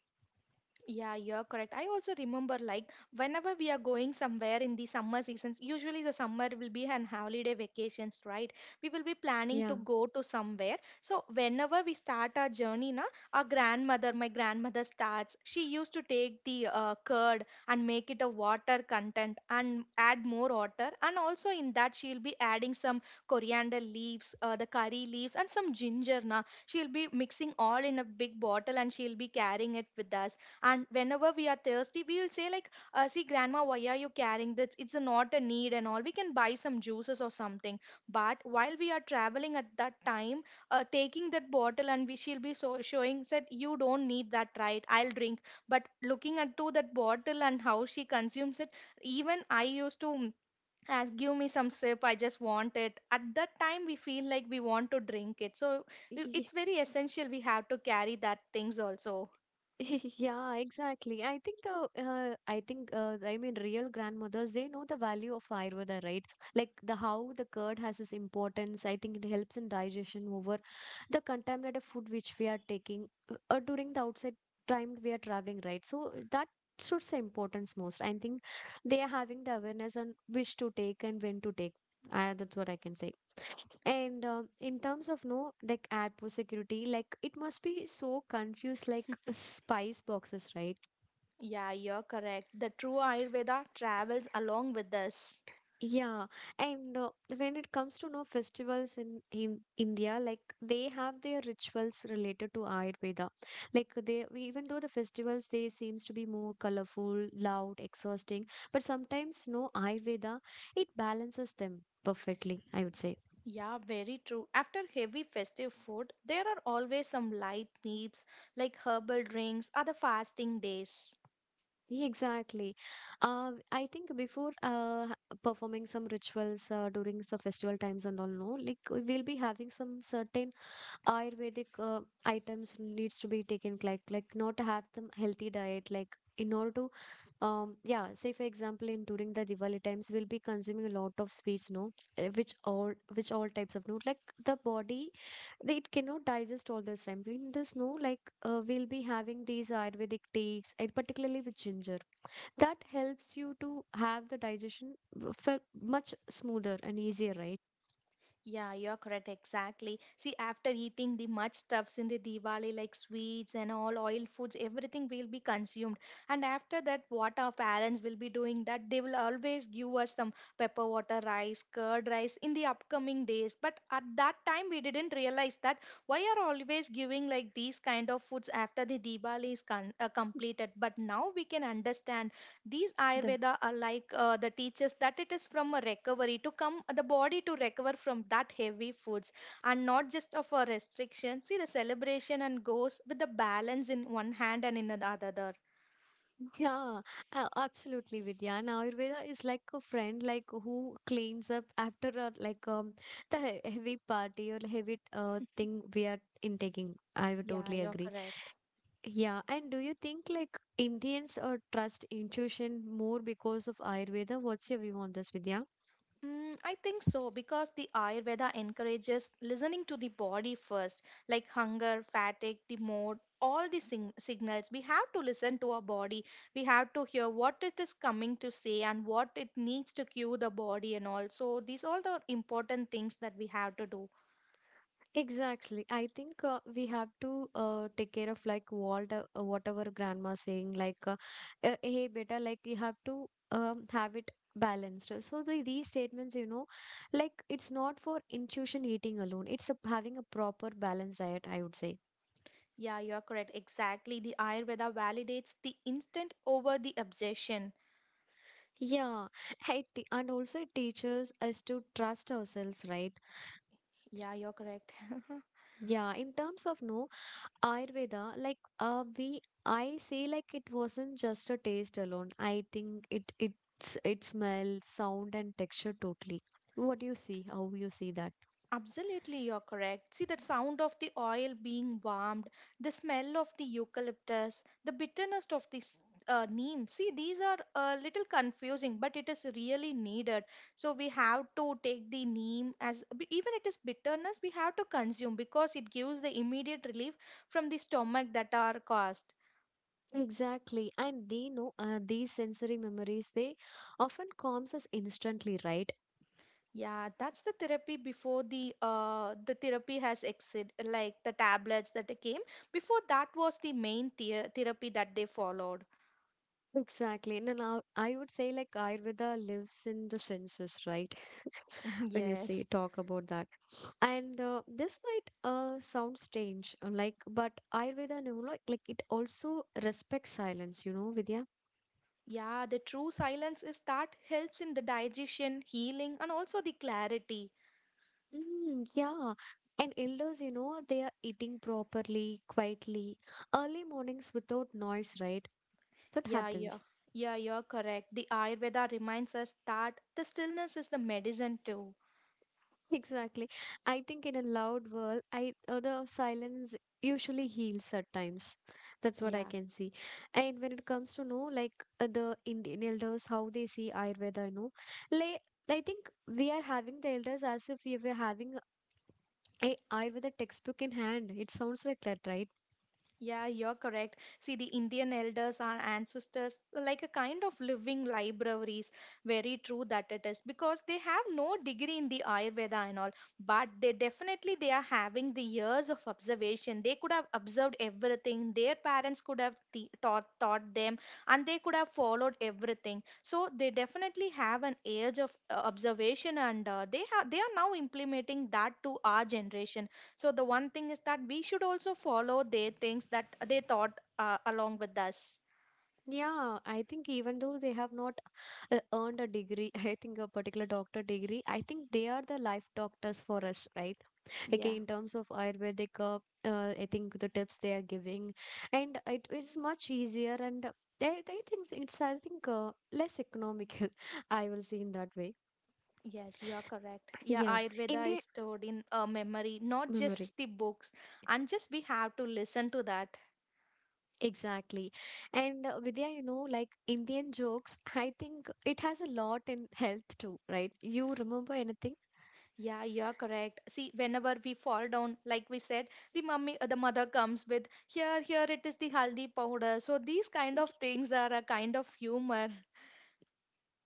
B: Yeah, you're correct. I also remember like whenever we are going somewhere in the summer seasons, usually the summer will be an holiday vacations, right? We will be planning
A: Yeah.
B: to go to somewhere. So whenever we start our journey, na, our grandmother, my grandmother starts. She used to take the curd and make it a water content and add more water. And also in that she'll be adding some coriander leaves, the curry leaves, and some ginger. Na, she'll be mixing all in a big bottle and she'll be carrying it with us. And whenever we are thirsty we'll say like see grandma, why are you carrying this, it's a not a need and all, we can buy some juices or something. But while we are traveling at that time, taking that bottle and we she'll be so showing said you don't need that, right, I'll drink. But looking at to that bottle and how she consumes it, even I used to ask, give me some sip, I just want it. At that time we feel like we want to drink it. So it's very essential, we have to carry that things also.
A: Yeah, exactly. I think the, I mean, real grandmothers, they know the value of ayurveda, right? Like the, how the curd has its importance. I think it helps in digestion over the contaminated food which we are taking during the outside time we are traveling, right? So that should say importance most. I think they are having the awareness on which to take and when to take. That's what I can say. And in terms of no like airport security, like it must be so confused, like spice boxes, right?
B: Yeah, you're correct. The true Ayurveda travels along with us.
A: Yeah, and when it comes to no festivals in India, like they have their rituals related to Ayurveda. Like they, even though the festivals they seems to be more colorful, loud, exhausting, but sometimes no Ayurveda, it balances them perfectly, I would say.
B: Yeah, very true. After heavy festive food, there are always some light meats like herbal drinks or the fasting days.
A: Yeah, exactly. I think before performing some rituals during the festival times and all, no, like we'll be having some certain Ayurvedic items needs to be taken, like not to have some healthy diet, like in order to, yeah, say for example, in during the Diwali times, we'll be consuming a lot of sweets, no, which all types of, no, like the body, it cannot digest all this time. In this, no, like, we'll be having these Ayurvedic teas, and particularly with ginger, that helps you to have the digestion felt much smoother and easier, right?
B: Yeah, you're correct. Exactly. See, after eating the much stuffs in the Diwali, like sweets and all oil foods, everything will be consumed. And after that, what our parents will be doing, that they will always give us some pepper water rice, curd rice in the upcoming days. But at that time, we didn't realize that why are always giving like these kind of foods after the Diwali is completed. But now we can understand these
A: The,
B: ayurveda are like the teachers, that it is from a recovery to come, the body to recover from that heavy foods, and not just of a restriction. See, the celebration and goes with the balance in one hand and in the other.
A: yeah, absolutely, Vidya. And Ayurveda is like a friend, like who cleans up after a, like the heavy party or heavy thing we are intaking. I would
B: Yeah,
A: totally
B: you're
A: agree.
B: correct.
A: Yeah, and do you think like Indians or trust intuition more because of Ayurveda? What's your view on this, Vidya?
B: I think so, because the Ayurveda encourages listening to the body first, like hunger, fatigue, the mood, all the signals. We have to listen to our body. We have to hear what it is coming to say and what it needs to cue the body and all. So these all the important things that we have to do.
A: Exactly. I think we have to take care of like what our grandma saying like hey beta, like you have to have it balanced. So these statements, like it's not for intuition eating alone. It's a, having a proper balanced diet, I would say.
B: Yeah, you are correct. Exactly. The Ayurveda validates the instant over the obsession.
A: Yeah, and also it teaches us to trust ourselves, right?
B: Yeah, you're correct.
A: Yeah, in terms of no Ayurveda, like we, I say like it wasn't just a taste alone. I think it it's it smell, sound, and texture totally. What do you see, how you see that
B: Absolutely, you're correct. See the sound of the oil being warmed, the smell of the eucalyptus, the bitterness of the neem. See, these are a little confusing, but it is really needed. So we have to take the neem as even it is bitterness, we have to consume because it gives the immediate relief from the stomach that are caused.
A: exactly, and they know these sensory memories. They often calms us instantly, right?
B: Yeah, that's the therapy before the therapy has exit, like the tablets that they came. Before that was the main the therapy that they followed.
A: Exactly, and then I would say like Ayurveda lives in the senses, right? When you say
B: Yes.
A: talk about that and this might sound strange like but Ayurveda, you know, like it also respects silence, you know, Vidya.
B: Yeah, the true silence is that helps in the digestion, healing, and also the clarity.
A: Mm, yeah, and elders, you know, they are eating properly quietly, early mornings without noise, right? That
B: Yeah.
A: happens.
B: Yeah, you're correct. The Ayurveda reminds us that the stillness is the medicine too.
A: Exactly. I think in a loud world, I the silence usually heals at times. That's what I
B: Yeah.
A: can see. And when it comes to know like the Indian elders, how they see Ayurveda, you know, like I think we are having the elders as if we were having a Ayurveda textbook in hand. It sounds like that, right?
B: Yeah, you're correct. See, the Indian elders, our ancestors, were like a kind of living libraries. Very true that it is, because they have no degree in the Ayurveda and all, but they definitely they are having the years of observation. They could have observed everything. Their parents could have taught them, and they could have followed everything. So they definitely have an age of observation, and they have they are now implementing that to our generation. So the one thing is that we should also follow their things that they thought along with us.
A: Yeah, I think even though they have not earned a degree, I think a particular doctor degree, I think they are the life doctors for us, right? Like
B: Yeah.
A: in terms of ayurvedic I think the tips they are giving, and it is much easier and I think it's I think less economical, I will see in that way.
B: Yes, you're correct. Yeah,
A: Yeah,
B: Ayurveda is
A: Indian
B: stored in a memory, not just
A: memory.
B: the books. And just we have to listen to that.
A: Exactly, and Vidya, you know, like Indian jokes, I think it has a lot in health too, right? You remember anything?
B: Yeah, you're correct. See, whenever we fall down, like we said, the mummy, the mother comes with, here, here it is the haldi powder. So these kind of things are a kind of humor.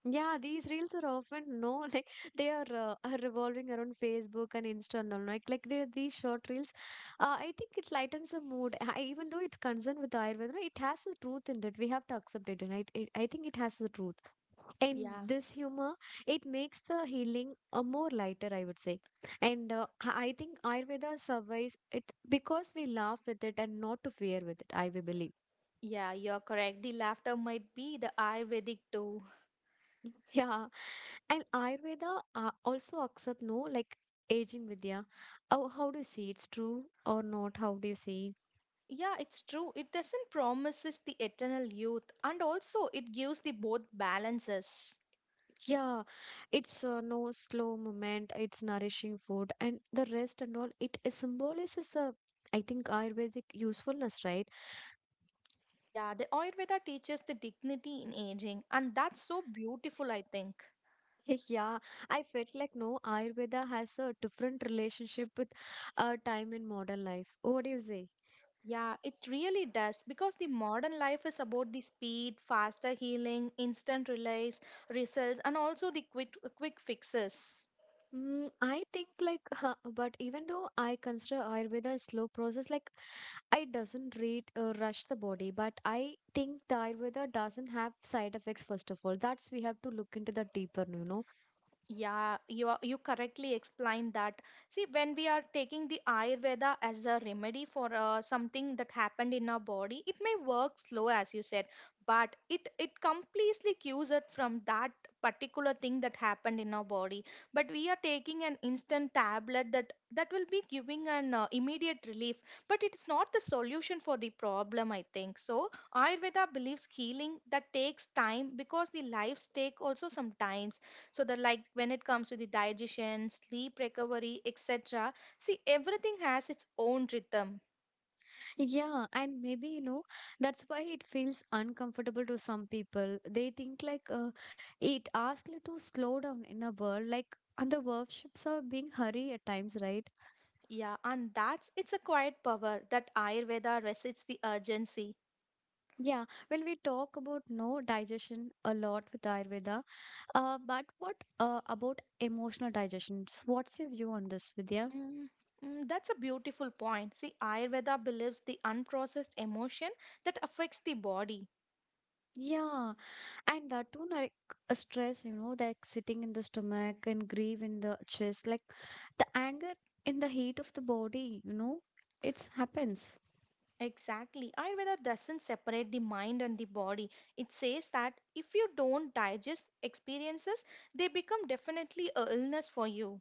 A: Yeah, these reels are often no like they are revolving around Facebook and Insta and all, like they are these short reels. I think it lightens the mood. I, even though it's concerned with Ayurveda, right, it has the truth in that we have to accept it, and I think it has the truth. And
B: Yeah,
A: this humor, it makes the healing a more lighter, I would say. And I think Ayurveda survives it because we laugh with it and not to fear with it. I will believe.
B: yeah, you're correct. The laughter might be the Ayurvedic too.
A: Yeah, and Ayurveda also accept no, like aging, Vidya. Oh, how do you see it's true or not? How do you see?
B: Yeah, it's true. It doesn't promises the eternal youth and also it gives the both balances.
A: Yeah, it's no slow movement. It's nourishing food and the rest and all. It symbolizes the, I think, Ayurvedic usefulness, right?
B: Yeah, the Ayurveda teaches the dignity in aging and that's so beautiful, I think.
A: Yeah, I felt like no Ayurveda has a different relationship with time in modern life. What do you say?
B: Yeah, it really does because the modern life is about the speed, faster healing, instant relays, results and also the quick fixes.
A: I think like, but even though I consider Ayurveda a slow process, like. I doesn't read rush the body, but I think the Ayurveda doesn't have side effects first of all. That's we have to look into the deeper, you know.
B: Yeah, you are, you correctly explained that. See, when we are taking the Ayurveda as a remedy for something that happened in our body, it may work slow, as you said, but it completely cures it from that particular thing that happened in our body. But we are taking an instant tablet that will be giving an immediate relief, but it's not the solution for the problem, I think. So Ayurveda believes healing that takes time because the lives take also some time, so that like when it comes to the digestion, sleep, recovery, etc. See, everything has its own rhythm.
A: Yeah, and maybe, you know, that's why it feels uncomfortable to some people. They think like it asks you to slow down in a world like, and the worships are being hurry at times, right?
B: Yeah, and that's it's a quiet power that ayurveda resists the urgency.
A: Yeah, when we talk about no digestion a lot with Ayurveda, but what about emotional digestion? What's your view on this, Vidya?
B: Mm, that's a beautiful point. See, ayurveda believes the unprocessed emotion that affects the body.
A: Yeah, and that too, like a stress, you know, like sitting in the stomach and grief in the chest, like the anger in the heat of the body, you know, it happens.
B: Exactly, ayurveda doesn't separate the mind and the body. It says that if you don't digest experiences, they become definitely a illness for you.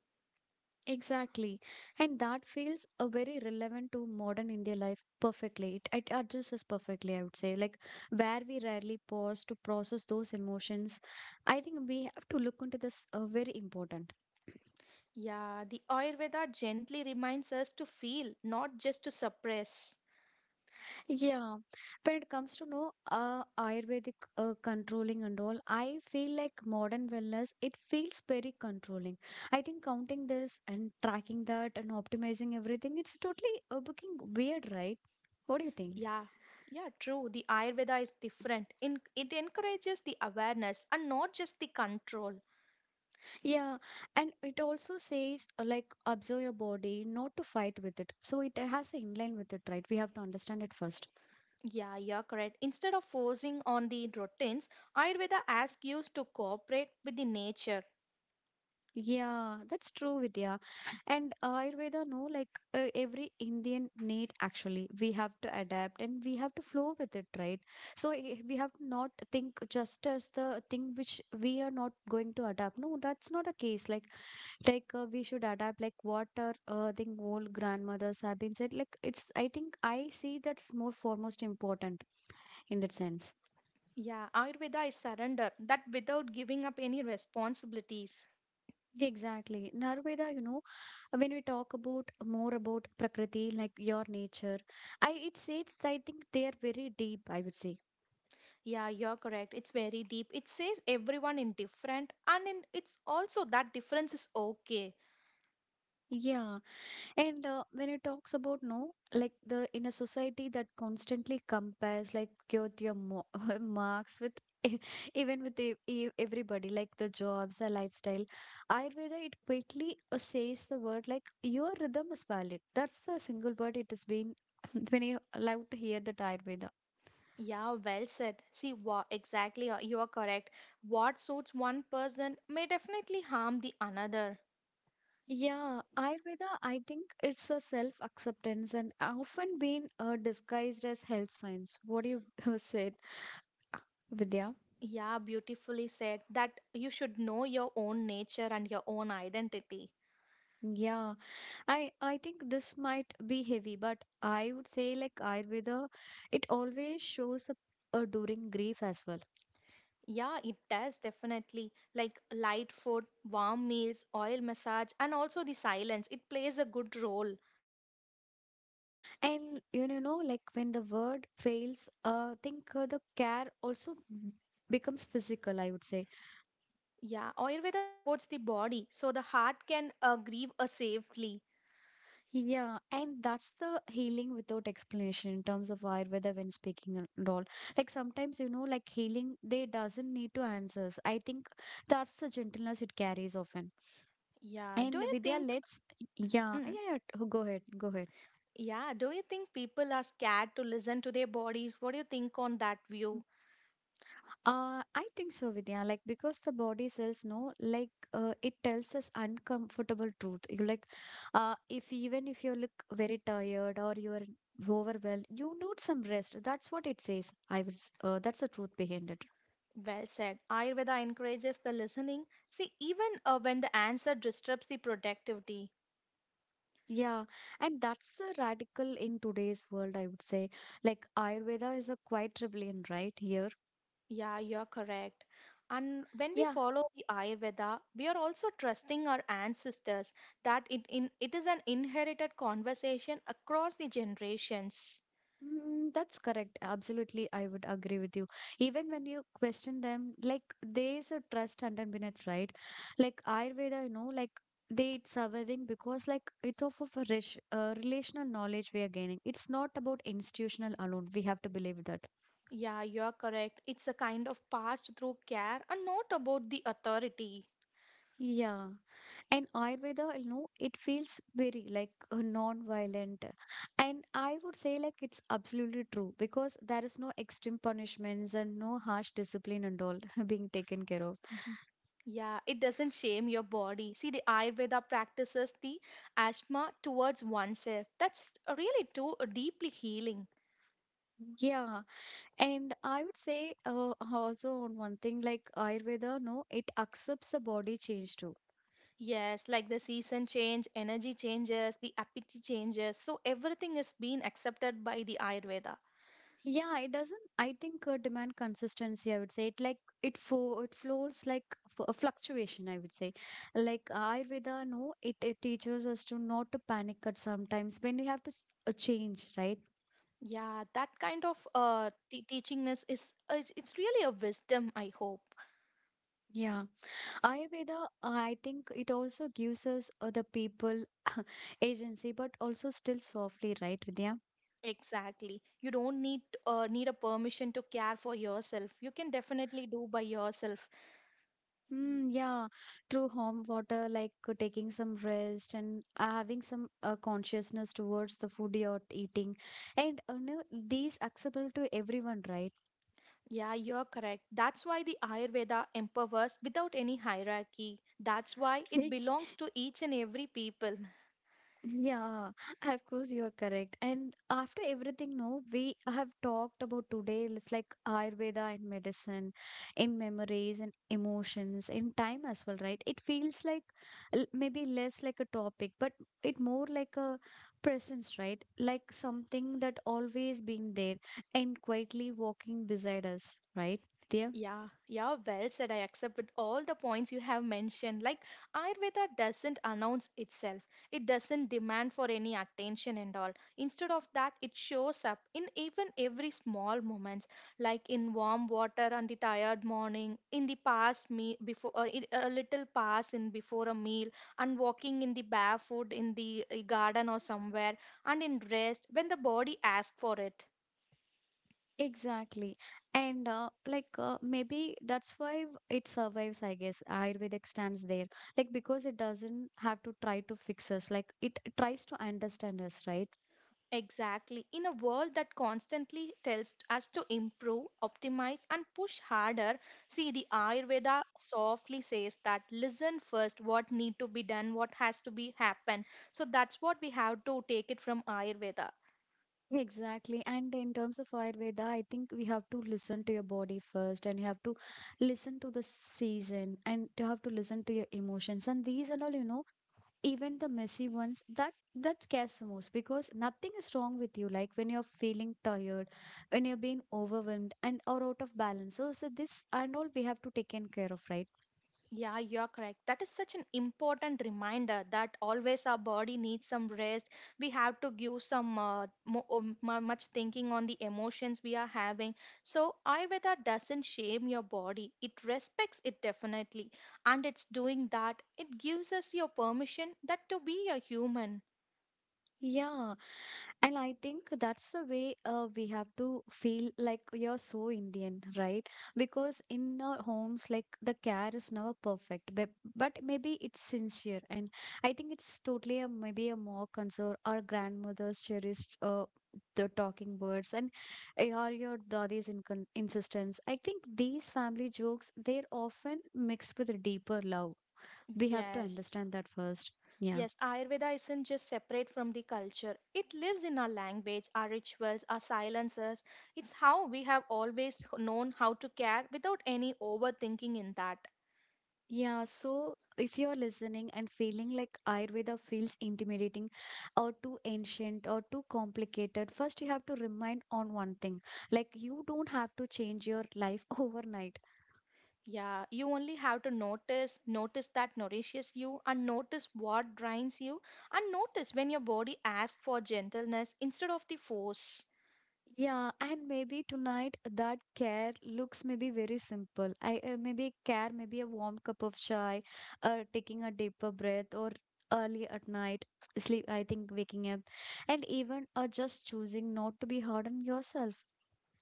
A: Exactly. And that feels a very relevant to modern India life perfectly. It adjusts us perfectly, I would say. Like where we rarely pause to process those emotions, I think we have to look into this very important.
B: Yeah, the Ayurveda gently reminds us to feel, not just to suppress.
A: Yeah, when it comes to no Ayurvedic controlling and all, I feel like modern wellness, it feels very controlling. I think counting this and tracking that and optimizing everything, it's totally looking weird, right? What do you think?
B: Yeah, yeah, true. The Ayurveda is different. In, it encourages the awareness and not just the control.
A: Yeah, and it also says like observe your body, not to fight with it. So it has in line with it, right? We have to understand it first.
B: Yeah, you're correct. Instead of forcing on the routines, Ayurveda asks you to cooperate with the nature.
A: Yeah, that's true, Vidya. And Ayurveda, no, like every Indian need actually, we have to adapt and we have to flow with it, right? So we have to not think just as the thing which we are not going to adapt. No, that's not a case. Like we should adapt. Like what our I old grandmothers have been said. Like it's, I think I see that's more foremost important in that sense.
B: Yeah, Ayurveda is surrender, that without giving up any responsibilities.
A: Exactly. Narveda, you know, when we talk about more about Prakriti, like your nature, I it says, I think they are very deep, I would say.
B: Yeah, you're correct. It's very deep. It says everyone in different, and in, it's also that difference is okay.
A: Yeah. And when it talks about no, like the in a society that constantly compares like your mo marks with e- even with everybody, like the jobs, the lifestyle, Ayurveda it quickly says the word like your rhythm is valid. That's the single word it has been when you allowed to hear the Ayurveda.
B: Yeah, well said. See, what exactly you are correct. What suits one person may definitely harm the another.
A: Yeah, Ayurveda, I think it's a self acceptance and often been disguised as health science. What do you said, uh, Vidya?
B: Yeah, beautifully said that you should know your own nature and your own identity.
A: Yeah, I think this might be heavy, but I would say like Ayurveda, it always shows up during grief as well.
B: Yeah, it does definitely. Like light food, warm meals, oil massage, and also the silence. It plays a good role.
A: Yeah, and you know, like when the word fails, think the care also becomes physical, I would say.
B: Yeah, Ayurveda supports the body so the heart can grieve safely.
A: Yeah, and that's the healing without explanation in terms of why whether when speaking and all. Like sometimes, you know, like healing, they doesn't need to answers. I think that's the gentleness it carries often.
B: Yeah, do
A: And
B: you
A: Vidya,
B: think?
A: let's, yeah,
B: mm,
A: go ahead, go ahead.
B: Yeah, do you think people are scared to listen to their bodies? What do you think on that view?
A: I think so, Vidya. Like because the body cells know, like it tells us uncomfortable truth. You like, if even if you look very tired, or you are overwhelmed, you need some rest. That's what it says. That's the truth behind it.
B: Well said. Ayurveda encourages the listening. See, even when the answer disrupts the productivity.
A: Yeah, and that's the radical in today's world, I would say, like Ayurveda is a quite rebellion, right here.
B: Yeah, you're correct. And when we
A: Yeah.
B: follow the Ayurveda, we are also trusting our ancestors, that it in it is an inherited conversation across the generations.
A: Mm, that's correct. Absolutely, I would agree with you. Even when you question them, like there's a trust underneath, beneath, right? Like Ayurveda, you know, like they it's surviving because like it's off of a rich, relational knowledge we are gaining. It's not about institutional alone. We have to believe that.
B: Yeah, you're correct. It's a kind of passed through care and not about the authority.
A: Yeah, and Ayurveda, you know, it feels very like non-violent. And I would say like it's absolutely true because there is no extreme punishments and no harsh discipline and all being taken care of.
B: Mm-hmm. Yeah, it doesn't shame your body. See, the Ayurveda practices the asthma towards oneself. That's really too deeply healing.
A: Yeah, and I would say also on one thing like Ayurveda, no, it accepts the body change too.
B: Yes, like the season change, energy changes, the appetite changes. So everything is being accepted by the Ayurveda.
A: Yeah, it doesn't, I think, demand consistency. I would say it like it flows like f a fluctuation, I would say, like Ayurveda, no, it teaches us to not to panic at sometimes when we have to s change, right?
B: Yeah, that kind of teachingness is it's really a wisdom, I hope.
A: Yeah, Ayurveda, I think it also gives us the people agency, but also still softly, right, Vidya?
B: Exactly. You don't need a permission to care for yourself. You can definitely do by yourself.
A: Mm, yeah, through home water, like taking some rest and having some consciousness towards the food you're eating. And no, these accessible to everyone, right?
B: Yeah, you're correct. That's why the Ayurveda empowers without any hierarchy. That's why it belongs to each and every people.
A: Yeah, of course you're correct. And after everything, no, we have talked about today. It's like Ayurveda in medicine, in memories and emotions, in time as well, right? It feels like maybe less like a topic, but it more like a presence, right? Like something that always been there and quietly walking beside us, right? They
B: Yeah, well said. I accept with all the points you have mentioned. Like Ayurveda doesn't announce itself. It doesn't demand for any attention and all. Instead of that, it shows up in even every small moments, like in warm water on the tired morning, in the past me before a little pass in before a meal, and walking in the barefoot in the garden or somewhere, and in rest when the body asks for it.
A: exactly. And like maybe that's why it survives, I guess. Ayurvedic stands there. Like because it doesn't have to try to fix us. Like it tries to understand us, right?
B: Exactly. In a world that constantly tells us to improve, optimize, and push harder, see the Ayurveda softly says that listen first what need to be done, what has to be happen. So that's what we have to take it from Ayurveda.
A: Exactly. And in terms of Ayurveda, I think we have to listen to your body first, and you have to listen to the season, and you have to listen to your emotions. And these and all, you know, even the messy ones that scares the most, because nothing is wrong with you, like when you're feeling tired, when you're being overwhelmed and or out of balance, so this and all we have to take in care of, right?
B: Yeah, you're correct. That is such an important reminder that always our body needs some rest. We have to give some much thinking on the emotions we are having. So Ayurveda doesn't shame your body. It respects it definitely, and it's doing that. It gives us your permission that to be a human.
A: Yeah, and I think that's the way we have to feel like you're so Indian, right? Because in our homes, like the care is never perfect, but maybe it's sincere. And I think it's totally a maybe a more concern our grandmother's cherished the talking birds and or your daddy's incon insistence. I think these family jokes, they're often mixed with a deeper love. We have to
B: Yes.
A: understand that first. Yeah.
B: Yes, Ayurveda isn't just separate from the culture. It lives in our language, our rituals, our silences. It's how we have always known how to care without any overthinking in that.
A: Yeah, so if you're listening and feeling like Ayurveda feels intimidating or too ancient or too complicated, first you have to remind on one thing. Like you don't have to change your life overnight.
B: Yeah, you only have to notice, notice that nourishes you, and notice what drains you, and notice when your body asks for gentleness instead of the force.
A: Yeah, and maybe tonight that care looks maybe very simple. I maybe care, maybe a warm cup of chai, taking a deeper breath or early at night sleep, I think, waking up, and even just choosing not to be hard on yourself.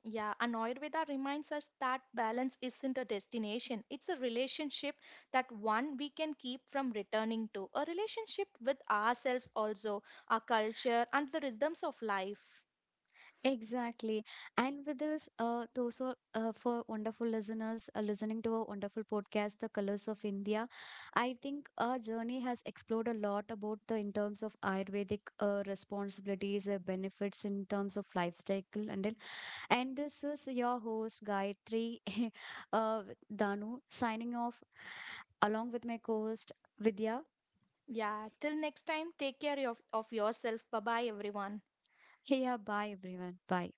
B: Yeah, and Ayurveda reminds us that balance isn't a destination, it's a relationship that one we can keep from returning to, a relationship with ourselves also, our culture, and the rhythms of life.
A: Exactly. And with this, to also for wonderful listeners listening to our wonderful podcast, The Colors of India, I think our journey has explored a lot about the in terms of Ayurvedic responsibilities, benefits in terms of lifestyle, and then, and this is your host Gayatri uh, Danu signing off along with my co-host Vidya.
B: Yeah, till next time, take care of yourself. Bye bye, everyone.
A: Hey, yeah, bye everyone. Bye.